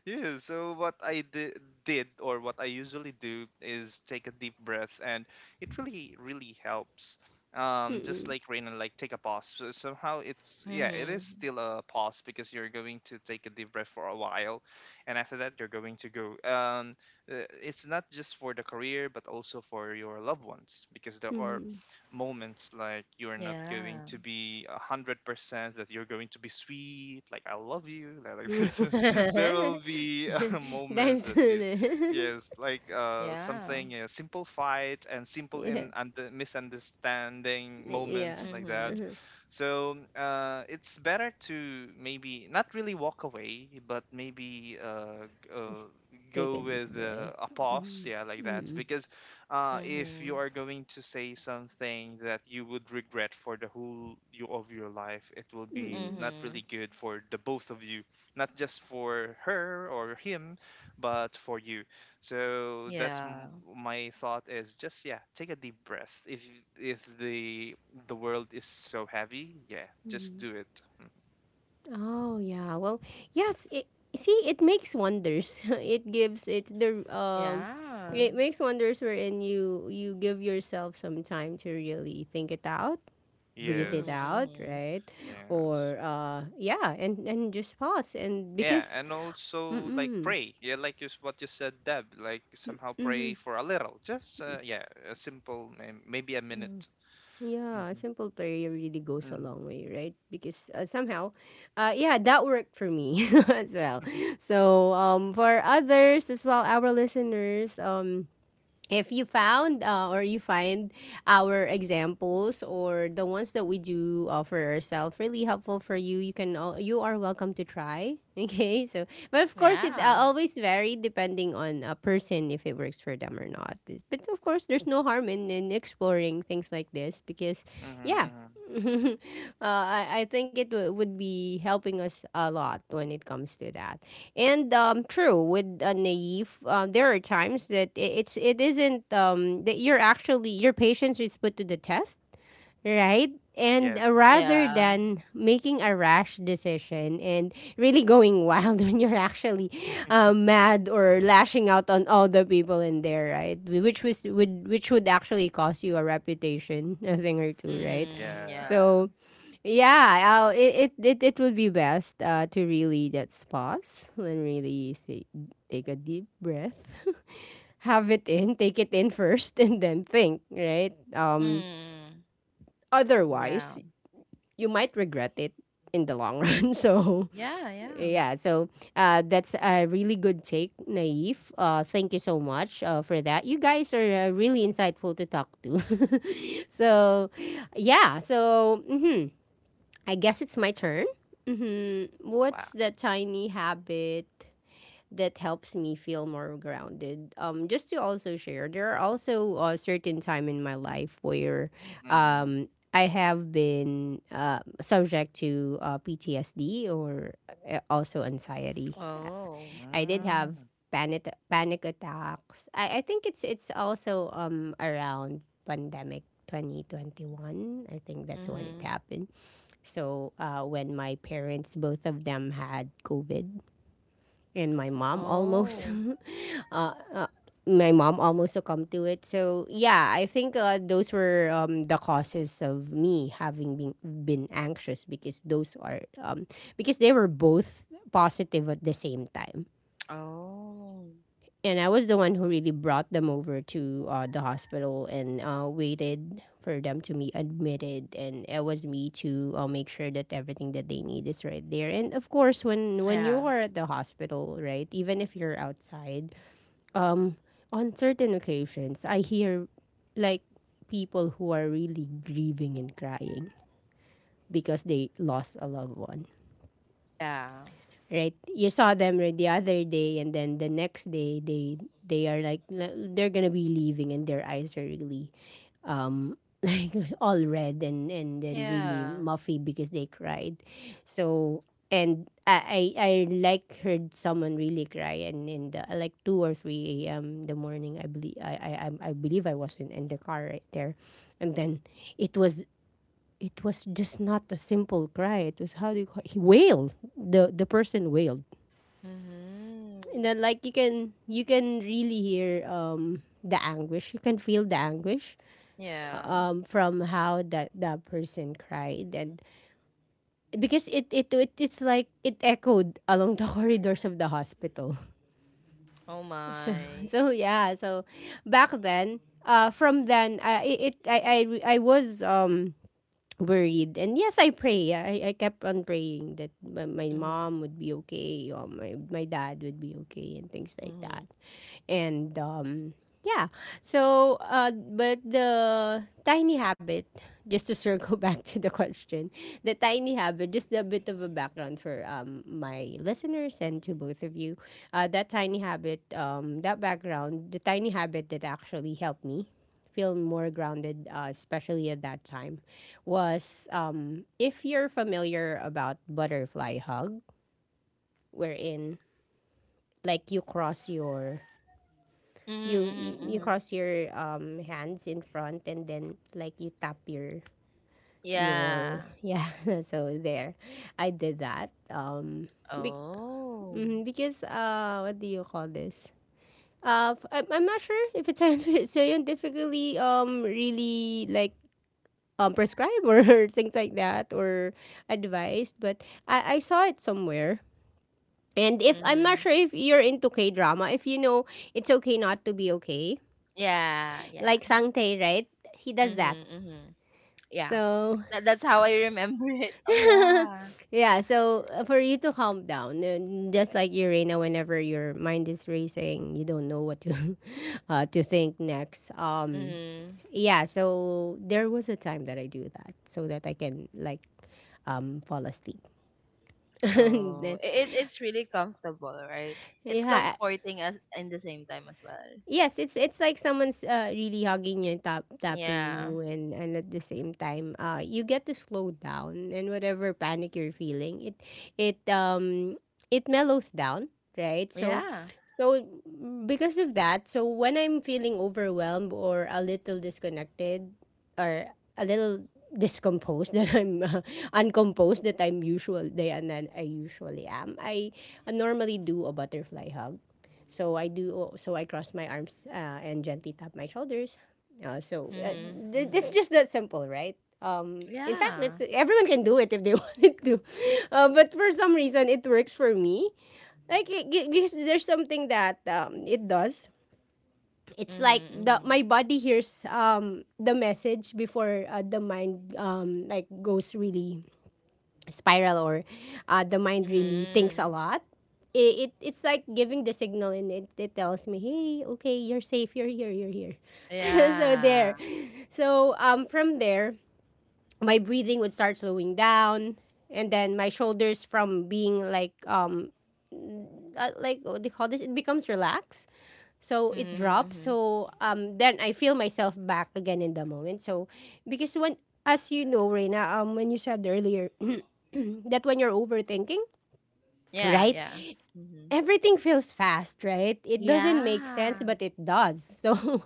Speaker 3: yeah, so did or what I usually do is take a deep breath, and it really really helps. Just
Speaker 1: Mm-mm.
Speaker 3: like rain and like take a pause. So somehow it's yeah, it is
Speaker 2: Mhm.
Speaker 3: still a pause because you're going to take a deep breath for a while, and after that you're going to go. It's not just for the career but also for your loved ones, because there are
Speaker 1: Mhm.
Speaker 3: moments like you're not going
Speaker 2: Yeah.
Speaker 3: to be 100% that you're going to be sweet like I love you like this there will be a moment
Speaker 1: Time's
Speaker 3: that you
Speaker 1: soon.
Speaker 3: yes like
Speaker 2: Yeah.
Speaker 3: something a simple fight and simple
Speaker 1: Yeah.
Speaker 3: in and the misunderstanding
Speaker 1: Yeah.
Speaker 3: moments like
Speaker 2: Mhm.
Speaker 3: that.
Speaker 1: Uh-huh.
Speaker 3: So it's better to maybe not really walk away but maybe
Speaker 1: Just take
Speaker 3: go
Speaker 1: a deep
Speaker 3: with a
Speaker 1: breath.
Speaker 3: pause
Speaker 1: Mm-mm.
Speaker 3: yeah like that,
Speaker 1: Mm-mm.
Speaker 3: because if you
Speaker 2: Mhm.
Speaker 3: are going to say something that you would regret for the whole you of your life, it will be not
Speaker 2: Mhm.
Speaker 3: really good for the both of you, not just for her or him, but for you. So
Speaker 2: Yeah.
Speaker 3: my thought is just yeah, take a deep breath. If the the world is so heavy, yeah, just
Speaker 1: Mm-mm.
Speaker 3: do it.
Speaker 1: Oh yeah. Well, yes. See, it makes wonders. It's the
Speaker 2: Yeah.
Speaker 1: it makes wonders wherein you give yourself some time to really think it out,
Speaker 2: Mhm.
Speaker 1: breathe it
Speaker 3: Yes,
Speaker 1: out,
Speaker 2: Mhm.
Speaker 1: right?
Speaker 3: yes.
Speaker 1: Or yeah, and just pause. And
Speaker 3: Yeah,
Speaker 1: because
Speaker 3: and
Speaker 1: mm,
Speaker 3: also like
Speaker 1: mm,
Speaker 3: pray. Yeah, like you, what you said, Deb. Like somehow pray
Speaker 1: mm,
Speaker 3: for a little. Just yeah, a simple maybe a
Speaker 1: mm,
Speaker 3: minute.
Speaker 1: yeah, a
Speaker 3: Mhm.
Speaker 1: simple prayer really goes a
Speaker 3: Mm.
Speaker 1: long way, right? Because somehow, yeah, that worked for me as well. So, for others as well, our listeners, if you found or you find our examples or the ones that we do offer ourselves really helpful for you, you you are welcome to try. Okay, so but of course it
Speaker 2: Yeah.
Speaker 1: always vary depending on a person if it works for them or not. But but of course there's no harm in exploring things like this, because
Speaker 3: Mhm.
Speaker 1: yeah.
Speaker 3: Mhm.
Speaker 1: uh, I think it would be helping us a lot when it comes to that. And true with Naive, there are times that it's it isn't that you're actually your patience is put to the test, right? And
Speaker 3: Yes.
Speaker 1: rather
Speaker 2: Yeah.
Speaker 1: than making a rash decision and really going wild when you're actually mad or lashing out on all the people in there, right? Which was would which would actually cost you a reputation, a thing or two, right?
Speaker 2: Mhm.
Speaker 3: Yeah.
Speaker 2: Yeah.
Speaker 1: So yeah, I'll, it will be best to really just pause and really say, take a deep breath, have it in, take it in first, and then think. Right?
Speaker 2: Mm. Yeah.
Speaker 1: Otherwise, you might regret it in the long run. So
Speaker 2: Yeah. Yeah.
Speaker 1: yeah, so that's a really good take, Naif. Thank you so much for that. You guys are really insightful to talk to. So yeah, so. Mhm I guess it's my turn.
Speaker 3: Wow.
Speaker 1: What's the tiny habit that helps me feel more grounded? Just to also share, there are also a certain time in my life where
Speaker 3: Mhm.
Speaker 1: I have been subject to PTSD or also anxiety.
Speaker 2: Oh.
Speaker 1: I did have
Speaker 3: Mm.
Speaker 1: panic attacks. I think it's also around pandemic 2021. I think that's when it
Speaker 2: Mhm.
Speaker 1: happened. So when my parents, both of them had COVID, and my mom almost,
Speaker 2: Oh.
Speaker 1: uh, uh, my mom almost succumbed to it. So yeah, I think those were the causes of me having been anxious, because those are because they were both positive at the same time,
Speaker 2: Oh.
Speaker 1: and I was the one who really brought them over to the hospital and waited for them to be admitted. And it was me to make sure that everything that they need is right there. And of course, when
Speaker 2: Yeah.
Speaker 1: you are at the hospital, right, even if you're outside, um, on certain occasions, I hear like people who are really grieving and crying because they lost a loved one,
Speaker 2: Yeah.
Speaker 1: right? You saw them right the other day, and then the next day they are like they're gonna be leaving, and their eyes are really um like all red and then really
Speaker 2: Yeah.
Speaker 1: muffy because they cried. So and I like heard someone really cry, and in the like two or three a.m. the morning, I believe I believe I was in the car right there, and then it was. It was just not a simple cry. It was, how do you call, he wailed. The person wailed,
Speaker 2: Mhm.
Speaker 1: and then like you can really hear the anguish. You can feel the anguish
Speaker 2: Yeah.
Speaker 1: from how that that person cried, and because it's like it echoed along the corridors of the hospital.
Speaker 2: Oh
Speaker 1: So
Speaker 2: my.
Speaker 1: so yeah, so back then from then I was worried, and yes I pray. I kept on praying that my
Speaker 2: Mhm.
Speaker 1: mom would be okay, or my dad would be okay and things like
Speaker 2: Mhm.
Speaker 1: that. And Yeah, but the tiny habit, just to circle back to the question, the tiny habit, just a bit of a background for my listeners and to both of you, that tiny habit, that background, the tiny habit that actually helped me feel more grounded, especially at that time, was if you're familiar about butterfly hug, wherein like you cross your,
Speaker 2: Mhm,
Speaker 1: you
Speaker 2: mhm,
Speaker 1: you
Speaker 2: mhm.
Speaker 1: cross your hands in front and then like you tap
Speaker 2: Yeah.
Speaker 1: your yeah. So there, I did that be-
Speaker 2: Oh.
Speaker 1: mhm, because what do you call this? I'm not sure if it's scientific- scientifically really like prescribed or things like that, or advised, but I saw it somewhere. And if I'm not
Speaker 2: Mhm.
Speaker 1: sure if you're into k drama if you know, it's okay not to be okay,
Speaker 2: Yeah, yeah.
Speaker 1: like Sangtae, right? He does that.
Speaker 2: Mhm, mhm. Yeah.
Speaker 1: So,
Speaker 2: That, that's how I remember it. Oh yeah.
Speaker 1: yeah, for you to calm down, just like you, Reina, whenever your mind is racing, you don't know what to to think next.
Speaker 2: Mhm.
Speaker 1: Yeah, so there was a time that I do that so that I can like fall asleep. And
Speaker 2: Oh,
Speaker 1: then-
Speaker 2: it's really comfortable, right? It's
Speaker 1: yeah,
Speaker 2: comforting as in the same time as well.
Speaker 1: yes, it's like someone's really hugging you and tapping
Speaker 2: Yeah.
Speaker 1: you, and at the same time you get to slow down, and whatever panic you're feeling, it it mellows down, right? So
Speaker 2: Yeah.
Speaker 1: so because of that, so when I'm feeling overwhelmed or a little disconnected or a little discomposed that I'm uncomposed that I'm usually, and then I usually am, I normally do a butterfly hug. So I do. So I cross my arms and gently tap my shoulders. Uh, so uh,
Speaker 2: Mhm.
Speaker 1: it's
Speaker 2: Mhm.
Speaker 1: just that simple, right? In fact,
Speaker 2: Yeah.
Speaker 1: it's, everyone can do it if they wanted to, but for some reason, it works for me. Like because there's something that it does. It's like
Speaker 2: Mhm.
Speaker 1: the
Speaker 2: Mhm.
Speaker 1: my body hears the message before the mind like goes really spiral, or the mind really thinks a
Speaker 2: Mhm.
Speaker 1: lot. It's like giving the signal, and it tells me, hey, okay, you're safe, you're here, you're here. So, so there,
Speaker 2: Yeah.
Speaker 1: so from there, my breathing would start slowing down, and then my shoulders, from being like what do you call this? It becomes relaxed. So it
Speaker 2: Mhm.
Speaker 1: drops.
Speaker 2: Mhm.
Speaker 1: So then I feel myself back again in the moment. So because when, as you know, Reina, when you said earlier that when you're overthinking,
Speaker 2: Yeah.
Speaker 1: right?
Speaker 2: Yeah. Mhm.
Speaker 1: Everything feels fast, right? It doesn't make sense,
Speaker 2: Yeah.
Speaker 1: but it does. So,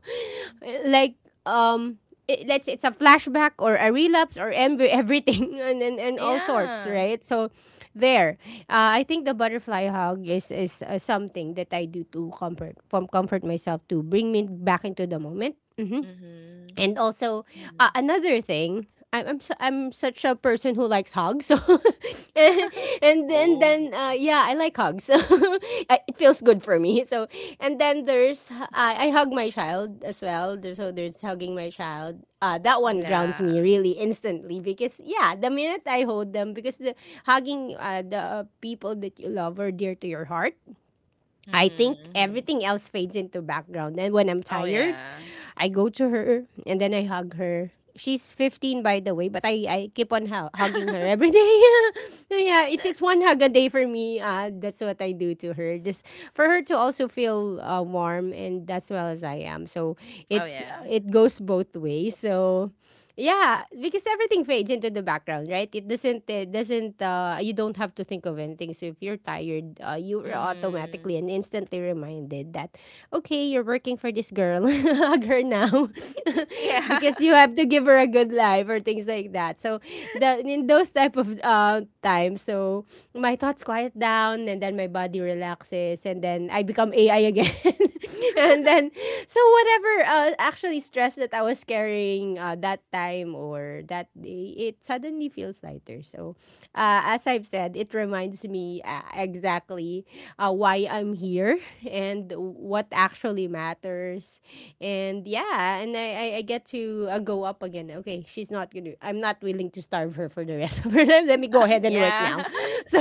Speaker 1: like, um, it, let's say it's a flashback or a relapse or em- everything and, and all sorts,
Speaker 2: Yeah.
Speaker 1: right? So, there, I think the butterfly hug is something that I do to comfort, from comfort myself, to bring me back into the moment. Mm-hmm.
Speaker 2: Mhm,
Speaker 1: And also
Speaker 2: mhm.
Speaker 1: another thing, I'm such a person who likes hugs. So and then
Speaker 3: Oh.
Speaker 1: then yeah, I like hugs. I- it feels good for me. So, and then there's, I hug my child as well. There's, so there's hugging my child. That one grounds me
Speaker 2: Yeah.
Speaker 1: really instantly because yeah, the minute I hold them, because the hugging the people that you love are dear to your heart. I
Speaker 2: Mhm,
Speaker 1: think
Speaker 2: mhm.
Speaker 1: everything else fades into background. And when I'm
Speaker 2: Oh,
Speaker 1: tired,
Speaker 2: yeah.
Speaker 1: I go to her, and then I hug her. She's 15 by the way, but I keep on hu- hugging her every day. Yeah, it's one hug a day for me. That's what I do to her. Just for her to also feel warm, and as well as I am. So,
Speaker 2: Oh,
Speaker 1: it's,
Speaker 2: yeah.
Speaker 1: it goes both ways. So yeah, because everything fades into the background, right? It doesn't. It doesn't. You don't have to think of anything. So if you're tired, you are automatically
Speaker 2: Mhm.
Speaker 1: and instantly reminded that, okay, you're working for this girl, hug her now,
Speaker 2: Yeah.
Speaker 1: because you have to give her a good life, or things like that. So, the in those type of times, so my thoughts quiet down, and then my body relaxes, and then I become AI again. And then, so whatever actually stress that I was carrying that time or that day, it suddenly feels lighter. So as I've said, it reminds me exactly why I'm here and what actually matters, and yeah, and I get to go up again. Okay, she's not gonna, I'm not willing to starve her for the rest of her life, let me go ahead and work now.
Speaker 2: Yeah.
Speaker 1: so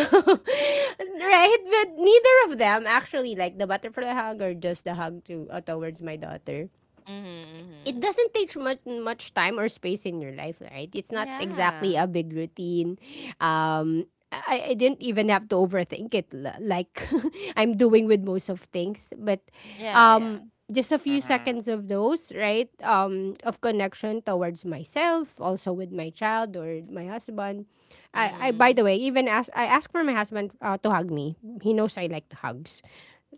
Speaker 1: right, but neither of them actually, like the butterfly hug or just the hug to towards my daughter,
Speaker 2: Mhm,
Speaker 1: it
Speaker 2: mhm.
Speaker 1: doesn't take much time or space in your life, right? It's not exactly
Speaker 2: Yeah.
Speaker 1: a big routine. I didn't even have to overthink it l- like I'm doing with most of things. But
Speaker 2: Yeah, yeah.
Speaker 1: um, just a few
Speaker 3: Mhm.
Speaker 1: seconds of those, right? Of connection towards myself, also with my child or my husband. I by the
Speaker 2: Mhm,
Speaker 1: way, even ask, I ask for my husband to hug me. He knows I like hugs.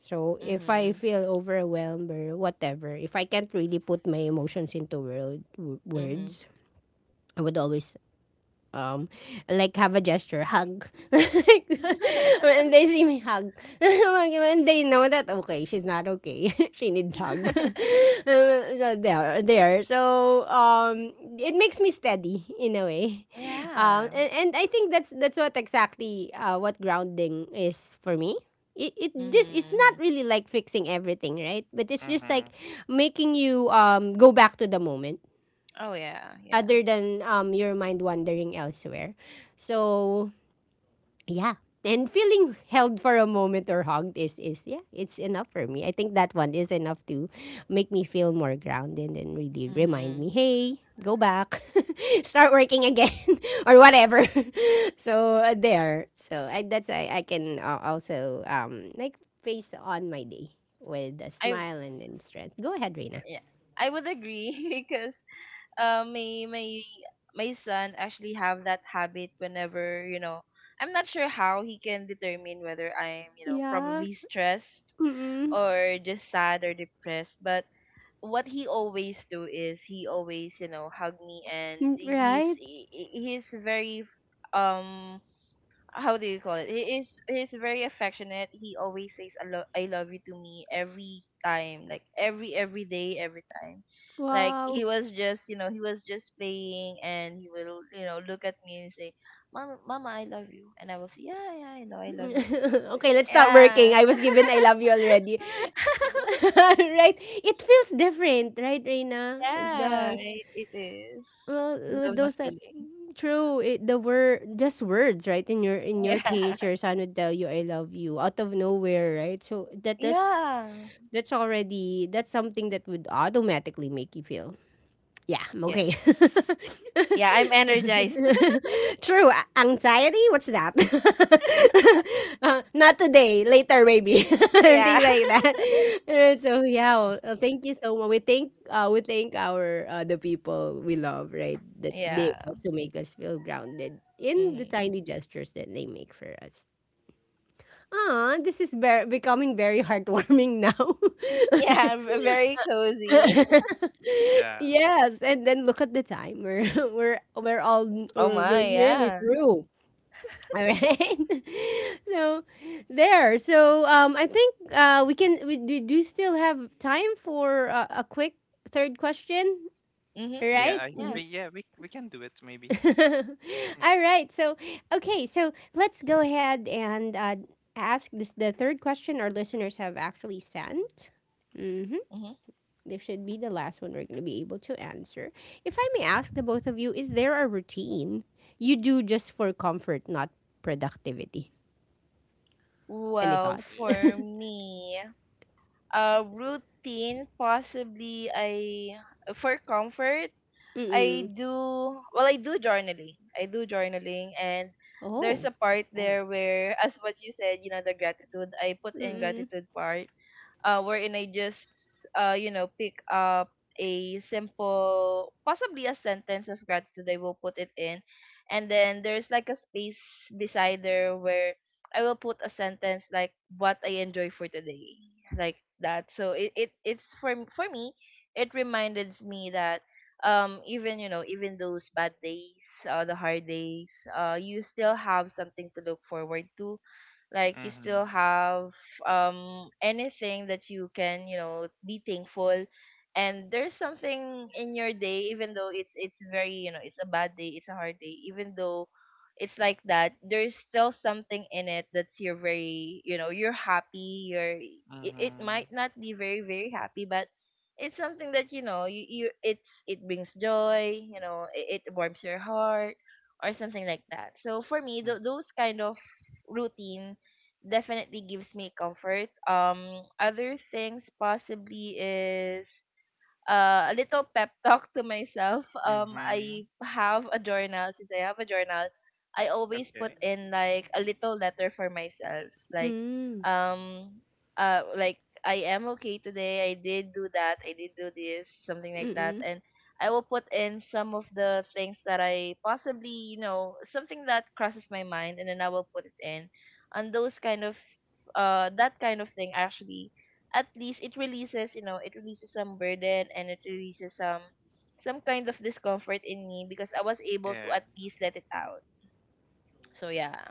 Speaker 1: So, if I
Speaker 2: mhm,
Speaker 1: feel overwhelmed or whatever, if I can't really put my emotions into world, w-
Speaker 2: mhm.
Speaker 1: words, I would always um like have a gesture hug like when they see me hug, when they know that, okay, she's not okay, she needs hug. So there, so it makes me steady in a way um,
Speaker 2: Yeah.
Speaker 1: and I think that's what exactly what grounding is for me. It just, it's
Speaker 2: Mhm,
Speaker 1: not
Speaker 2: mhm.
Speaker 1: really like fixing everything, right, but it's just like
Speaker 3: Mhm.
Speaker 1: making you go back to the moment,
Speaker 2: Oh, yeah, yeah.
Speaker 1: other than your mind wandering elsewhere. So yeah. And feeling held for a moment or hugged is yeah, it's enough for me. I think that one is enough to make me feel more grounded and really remind me,
Speaker 2: Mhm.
Speaker 1: hey, go back, start working again or whatever. So there. So I, that's, I can also like face on my day with a
Speaker 2: I
Speaker 1: smile, and strength. Go ahead, Reina.
Speaker 2: yeah, I would agree because uh, my my my son actually have that habit whenever I'm not sure how he can determine whether I'm
Speaker 1: Yeah.
Speaker 2: probably stressed
Speaker 1: Mm-mm.
Speaker 2: or just sad or depressed, but what he always do is he always hug me, and
Speaker 1: Mm,
Speaker 2: he's
Speaker 1: right.
Speaker 2: he- he's very, um how do you call it? He's very affectionate. He always says I love you to me every time, like every day, every time. Like he
Speaker 1: Wow.
Speaker 2: was just you know he was just playing and he will look at me and say, "Mama, Mama, I love you," and I will say, "Yeah, yeah, I know, I love you too."
Speaker 1: Okay, let's start working.
Speaker 2: Yeah,
Speaker 1: I was given I love you already. Right? It feels different, right, Reina? It
Speaker 2: yeah,
Speaker 1: does.
Speaker 2: it is.
Speaker 1: Well,
Speaker 2: I
Speaker 1: with
Speaker 2: love the
Speaker 1: those, that
Speaker 2: feeling.
Speaker 1: true, it, the word, just words, right? In your, in your
Speaker 2: Yeah,
Speaker 1: case, your son would tell you I love you out of nowhere, right? So that's
Speaker 2: yeah,
Speaker 1: already, that's something that would automatically make you feel, yeah, I'm
Speaker 2: yes,
Speaker 1: okay.
Speaker 2: yeah. I'm energized.
Speaker 1: True. A- Anxiety? What's that? Uh, not today. Later, maybe.
Speaker 2: yeah,
Speaker 1: Things like that. So yeah. Well, thank you so much. We thank our the people we love, right? That they
Speaker 2: yeah.
Speaker 1: also make us feel grounded in the
Speaker 2: Mhm.
Speaker 1: tiny gestures that they make for us. Ah, this is very, becoming very heartwarming now.
Speaker 2: Yeah, very cozy.
Speaker 3: Yeah.
Speaker 1: Yes, and then look at the time. We're we're all,
Speaker 2: Oh
Speaker 1: we're
Speaker 2: my,
Speaker 1: nearly
Speaker 2: yeah.
Speaker 1: through. All right. So there. So I think we do still have time for a quick third question.
Speaker 2: Mhm,
Speaker 1: All
Speaker 3: Yeah.
Speaker 1: right.
Speaker 2: mhm,
Speaker 3: I.
Speaker 2: yeah.
Speaker 1: Mhm.
Speaker 3: Yeah. We. We can do it. Maybe. Mhm.
Speaker 1: All right. So okay. So let's go ahead and ask this the third question our listeners have actually sent. Mm-hmm.
Speaker 2: Mhm.
Speaker 1: This should be the last one we're going to be able to answer. If I may ask the both of you, is there a routine you do just for comfort, not productivity? Any
Speaker 2: Well,
Speaker 3: Yeah.
Speaker 1: thoughts?
Speaker 2: for me, routine possibly I for comfort, I
Speaker 1: Mm-mm.
Speaker 2: do well, I do journaling. I do journaling, and there's a
Speaker 1: Oh.
Speaker 2: part
Speaker 3: Oh.
Speaker 2: there where, as what you said, the gratitude, I put in
Speaker 1: Mm-mm.
Speaker 2: gratitude part, wherein I just pick up a simple, possibly a sentence of gratitude. I will put it in, and then there's like a space beside there where I will put a sentence like what I enjoy for today, like that. So it's for me, it reminded me that, even you know even those bad days, the hard days, you still have something to look forward to, like you still
Speaker 3: Mhm.
Speaker 2: have anything that you can be thankful, and there's something in your day even though it's very, it's a bad day, it's a hard day, even though it's like that, there's still something in it that's, you're very, you're happy, you're, it
Speaker 3: Mhm.
Speaker 2: might not be very very happy, but it's something that, you it brings joy, it warms your heart or something like that. So for me,
Speaker 3: Mm.
Speaker 2: those kind of routine definitely gives me comfort. Other things possibly is a little pep talk to myself.
Speaker 3: Mhm.
Speaker 2: I have a journal. Since I have a journal, I always put
Speaker 3: Okay.
Speaker 2: in like a little letter for myself.
Speaker 1: Mm.
Speaker 2: Um, like, I am okay today. I did do that. I did do this. Something like that.
Speaker 1: Mm-mm.
Speaker 2: And I will put in some of the things that I possibly, something that crosses my mind, and then I will put it in. And those kind of, that kind of thing actually, at least it releases, it releases some burden, and it releases some kind of discomfort in me, because I was able to
Speaker 3: Yeah.
Speaker 2: at least let it out, so yeah.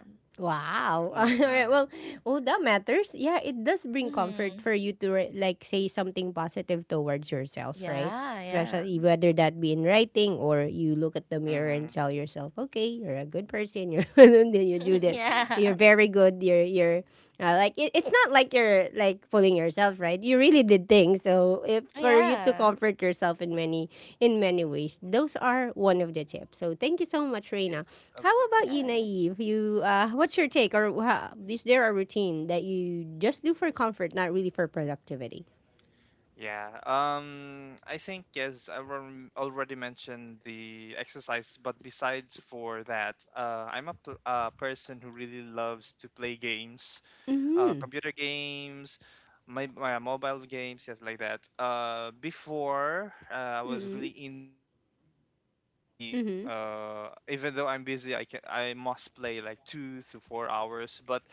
Speaker 1: Wow. All right.
Speaker 3: Mhm.
Speaker 1: Well, oh, that matters. Yeah, it does bring comfort
Speaker 2: Mm-hmm.
Speaker 1: for you to write- like say something positive towards yourself, right?
Speaker 2: Yeah, yeah.
Speaker 1: Especially whether that be in writing, or you look at the mirror and
Speaker 3: Mhm.
Speaker 1: tell yourself, "Okay, you're a good person. You're and then you do this. You're
Speaker 2: Yeah,
Speaker 1: very good. You're like it, it's not like you're like fooling yourself, right? You really did things. So if for you to
Speaker 2: yeah,
Speaker 1: comfort yourself in many, in many ways, those are one of the tips. So thank you so much, Reina.
Speaker 3: Yes. Of
Speaker 1: How about
Speaker 3: course.
Speaker 1: you,
Speaker 2: yes.
Speaker 1: Naive? You, what's your take, or wha- is there a routine that you just do for comfort, not really for productivity?
Speaker 3: Yeah, I think as I already mentioned the exercise, but besides for that, I'm person who really loves to play games,
Speaker 1: Mm-hmm.
Speaker 3: computer games, my mobile games, just like that. Before I was
Speaker 1: Mm-hmm.
Speaker 3: really into it, like maybe
Speaker 1: Mm-hmm.
Speaker 3: even though I'm busy, I must play like 2 to 4 hours. But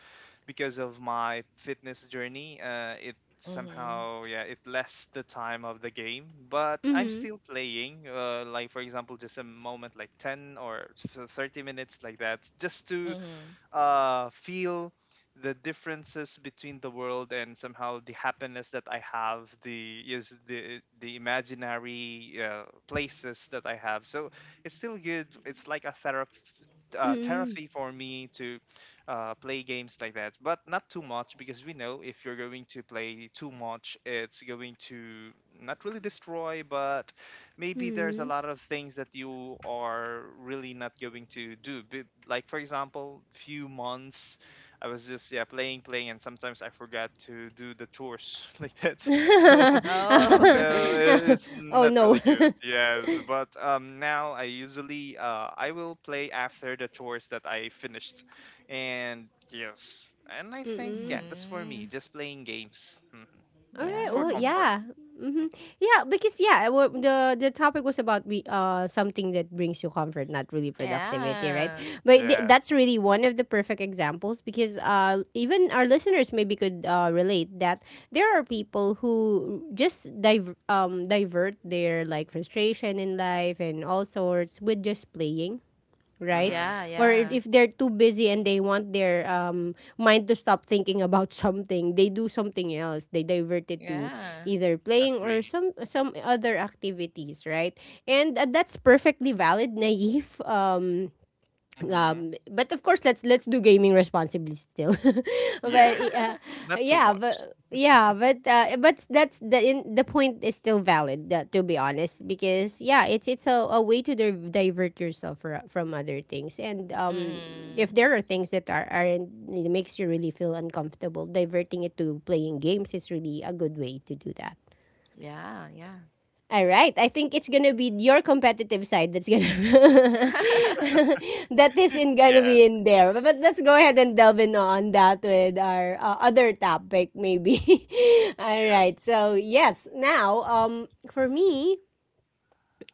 Speaker 3: because of my fitness journey, it
Speaker 2: Mm-hmm.
Speaker 3: somehow yeah it less the time of the game, but I'm
Speaker 1: Mm-hmm.
Speaker 3: still playing like for example just a moment like 10 or 30 minutes like that, just to
Speaker 2: Mm-hmm.
Speaker 3: feel the differences between the world and somehow the happiness that I have, the is the imaginary places that I have. So it's still good. It's like a therapy.
Speaker 1: Mm-hmm.
Speaker 3: Therapy for me to play games like that, but not too much because we know if you're going to play too much, it's going to not really destroy, but maybe there's a
Speaker 1: Mm-hmm.
Speaker 3: lot of things that you are really not going to do. Like for example, few months I was just yeah playing, playing, and sometimes I forgot to do the chores like that. So
Speaker 2: Oh.
Speaker 3: it's
Speaker 1: Oh
Speaker 3: not
Speaker 1: no.
Speaker 3: really good. Yes, but now I usually I will play after the chores that I finished, and yes, and I think
Speaker 1: Mm-hmm.
Speaker 3: yeah that's for me
Speaker 2: Mm-hmm.
Speaker 3: just playing games. Mhm.
Speaker 1: Alright.
Speaker 3: For
Speaker 1: Well,
Speaker 2: Yeah,
Speaker 3: comfort.
Speaker 1: yeah. Hmm.
Speaker 3: Mhm.
Speaker 1: Yeah, because yeah, I wa- the topic was about we something that brings you comfort, not really productivity, right?
Speaker 2: yeah,
Speaker 1: But th-
Speaker 3: Yeah.
Speaker 1: that's really one of the perfect examples because even our listeners maybe could relate that there are people who just divert their like frustration in life and all sorts with just playing, right?
Speaker 3: Mm-hmm.
Speaker 2: yeah,
Speaker 1: Or
Speaker 2: yeah,
Speaker 1: if they're too busy and they want their mind to stop thinking about something, they do something else. They divert it to
Speaker 2: yeah.
Speaker 1: either playing or
Speaker 3: Agree.
Speaker 1: some other activities, right? And that's perfectly valid, naive.
Speaker 3: Mm-hmm.
Speaker 1: But of course, let's do gaming responsibly still. but
Speaker 3: Yes, not too
Speaker 1: yeah
Speaker 3: much.
Speaker 1: but yeah but that's the point is still valid, to be honest, because yeah, it's a way to divert yourself from other things. And if
Speaker 2: Mm-hmm.
Speaker 1: there are things that aren't it makes you really feel uncomfortable, diverting it to playing games is really a good way to do that.
Speaker 2: Yeah, yeah.
Speaker 1: All right. I think it's gonna be your competitive side that's gonna that is in gonna
Speaker 3: Yeah.
Speaker 1: be in there. But let's go ahead and delve in on that with our other topic, maybe. All right.
Speaker 3: Yes.
Speaker 1: So yes, now for me,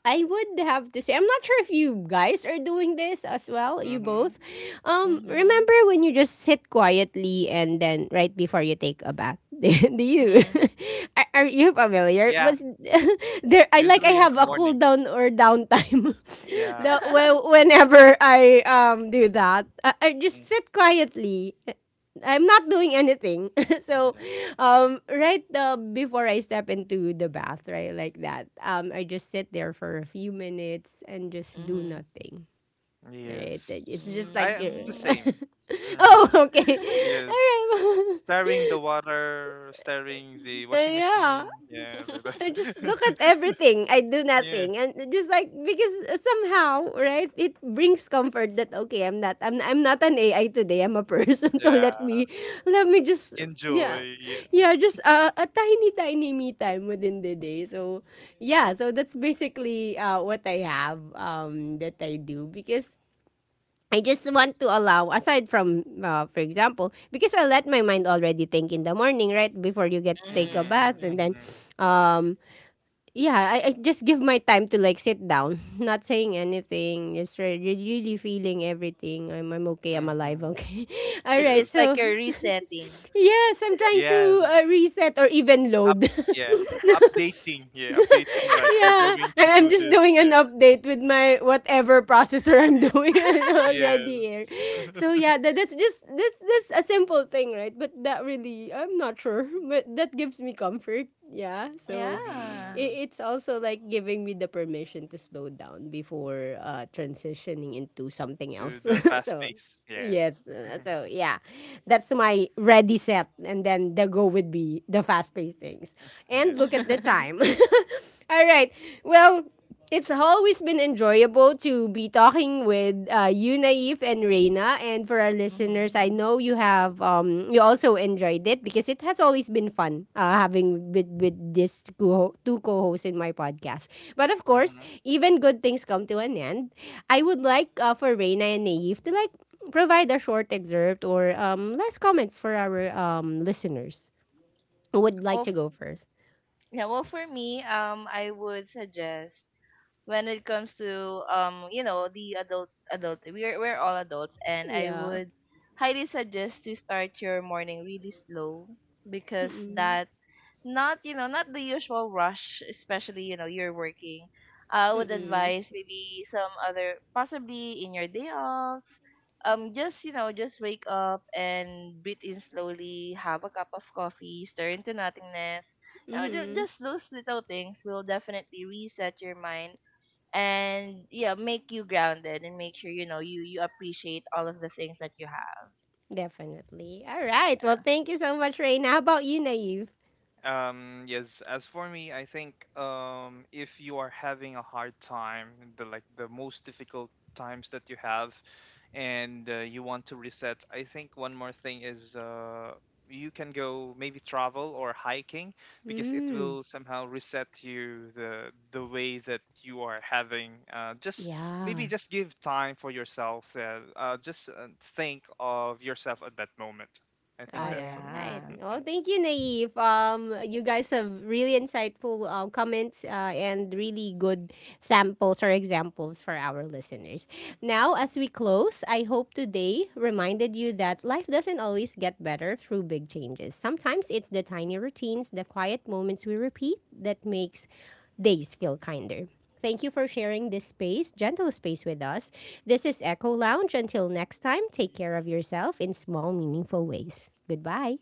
Speaker 1: I would have to say, I'm not sure if you guys are doing this as well, you
Speaker 3: Mm-hmm.
Speaker 1: both.
Speaker 2: Mm-hmm.
Speaker 1: Remember when you just sit quietly and then right before you take a bath? Do you?
Speaker 2: Mm-hmm.
Speaker 1: Are you familiar?
Speaker 3: Yeah.
Speaker 1: But there, I like I
Speaker 3: Usually in
Speaker 1: have
Speaker 3: the
Speaker 1: a cool
Speaker 3: morning.
Speaker 1: down or downtime. The,
Speaker 3: Yeah.
Speaker 1: well, whenever I do that, I
Speaker 3: Mm,
Speaker 1: just sit quietly. I'm not doing anything. So
Speaker 3: yeah.
Speaker 1: right before I step into the bath, right, like that, I just sit there for a few minutes and just do
Speaker 2: Mhm.
Speaker 1: nothing. Right.
Speaker 3: Yes.
Speaker 1: It's just like
Speaker 3: I the
Speaker 1: you're—
Speaker 2: Mm.
Speaker 3: same.
Speaker 1: oh,
Speaker 3: Mm-hmm.
Speaker 1: okay,
Speaker 3: Yes.
Speaker 1: all right,
Speaker 3: S- Stirring the water, stirring the washing
Speaker 1: yeah,
Speaker 3: machine. Yeah, like
Speaker 1: I just
Speaker 3: that.
Speaker 1: look at everything. I do
Speaker 3: yeah.
Speaker 1: nothing, and just like because somehow, right? It brings comfort that okay, I'm not an AI today. I'm a person, so
Speaker 3: Yeah.
Speaker 1: let me just, yeah,
Speaker 3: Enjoy. Yeah.
Speaker 1: yeah, just a tiny, tiny me time within the day. So yeah, so that's basically what I have that I do, because I just want to allow, aside from, for example, because I let my mind already think in the morning, right? Before you get to
Speaker 3: Mm-hmm.
Speaker 1: take a
Speaker 2: Mhm.
Speaker 1: bath, and
Speaker 2: Mhm.
Speaker 1: then,
Speaker 3: Mm-hmm.
Speaker 1: um, yeah, I just give my time to like sit down, not saying anything, just really feeling everything. I'm okay, I'm alive,
Speaker 3: Mm-hmm.
Speaker 1: okay. All
Speaker 2: It's
Speaker 1: right,
Speaker 2: it's
Speaker 3: Yes.
Speaker 2: like
Speaker 1: so
Speaker 2: you're resetting.
Speaker 1: yes, I'm trying to
Speaker 3: Yes.
Speaker 1: reset or even
Speaker 3: Up.
Speaker 1: load.
Speaker 3: Yeah. Updating. Yeah. Updating. Like you're
Speaker 1: Yeah,
Speaker 3: going to
Speaker 1: I'm
Speaker 3: do
Speaker 1: just
Speaker 3: this.
Speaker 1: doing an
Speaker 3: Yeah.
Speaker 1: update with my whatever processor I'm doing.
Speaker 3: Yes.
Speaker 1: Already here. So yeah, that's just this a simple thing, right? But that really, I'm not sure, but that gives me comfort. Yeah, so
Speaker 2: Yeah.
Speaker 3: hmm.
Speaker 1: it, it's also like giving me the permission to slow down before transitioning into something
Speaker 3: To
Speaker 1: else.
Speaker 3: the fast
Speaker 1: So
Speaker 3: pace. Yeah.
Speaker 1: yes. uh,
Speaker 3: hmm.
Speaker 1: So yeah, that's my ready set, and then the go would be the fast paced things. And look
Speaker 3: Yes.
Speaker 1: at the time. All right. Well, it's always been enjoyable to be talking with you, Naif and Reina. And for our listeners, I
Speaker 2: Mhm.
Speaker 1: know you have you also enjoyed it because it has always been fun, having with this two two co-hosts in my podcast. But of course,
Speaker 3: Mm-hmm.
Speaker 1: even good things come to an end. I would like, for Reina and Naif to like provide a short excerpt or less comments for our listeners. Who would
Speaker 2: Well,
Speaker 1: like to
Speaker 2: f-
Speaker 1: go first?
Speaker 2: yeah, well, for me, I would suggest, when it comes to, the adult, we're all adults, and I
Speaker 1: Yeah.
Speaker 2: would highly suggest to start your morning really slow, because
Speaker 1: Mm-mm.
Speaker 2: that, not you know not the usual rush, especially you're working. I would
Speaker 1: Mm-mm.
Speaker 2: advise maybe some other, possibly in your day offs, just you know just wake up and breathe in slowly, have a cup of coffee, stir into nothingness. you know ju-
Speaker 1: Mm-hmm.
Speaker 2: just those little things will definitely reset your mind, and yeah, make you grounded and make sure you appreciate all of the things that you have.
Speaker 1: Definitely. All right. Well, thank you so much, Raina. How about you, Naive?
Speaker 3: Yes, as for me, I think if you are having a hard time, the like the most difficult times that you have, and you want to reset, I think one more thing is you can go maybe travel or hiking, because it
Speaker 1: Mm.
Speaker 3: will somehow reset you the way that you are having. Just
Speaker 1: Yeah.
Speaker 3: maybe just give time for yourself. Just think of yourself at that moment. I
Speaker 2: Oh,
Speaker 3: think
Speaker 1: All
Speaker 3: that's all.
Speaker 1: right.
Speaker 2: yeah.
Speaker 1: Well,
Speaker 3: Mm-hmm.
Speaker 1: thank you, Naive. You guys have really insightful comments, and really good samples or examples for our listeners. Now, as we close, I hope today reminded you that life doesn't always get better through big changes. Sometimes it's the tiny routines, the quiet moments we repeat that makes days feel kinder. Thank you for sharing this space, gentle space with us. This is Echo Lounge. Until next time, take care of yourself in small, meaningful ways. Goodbye.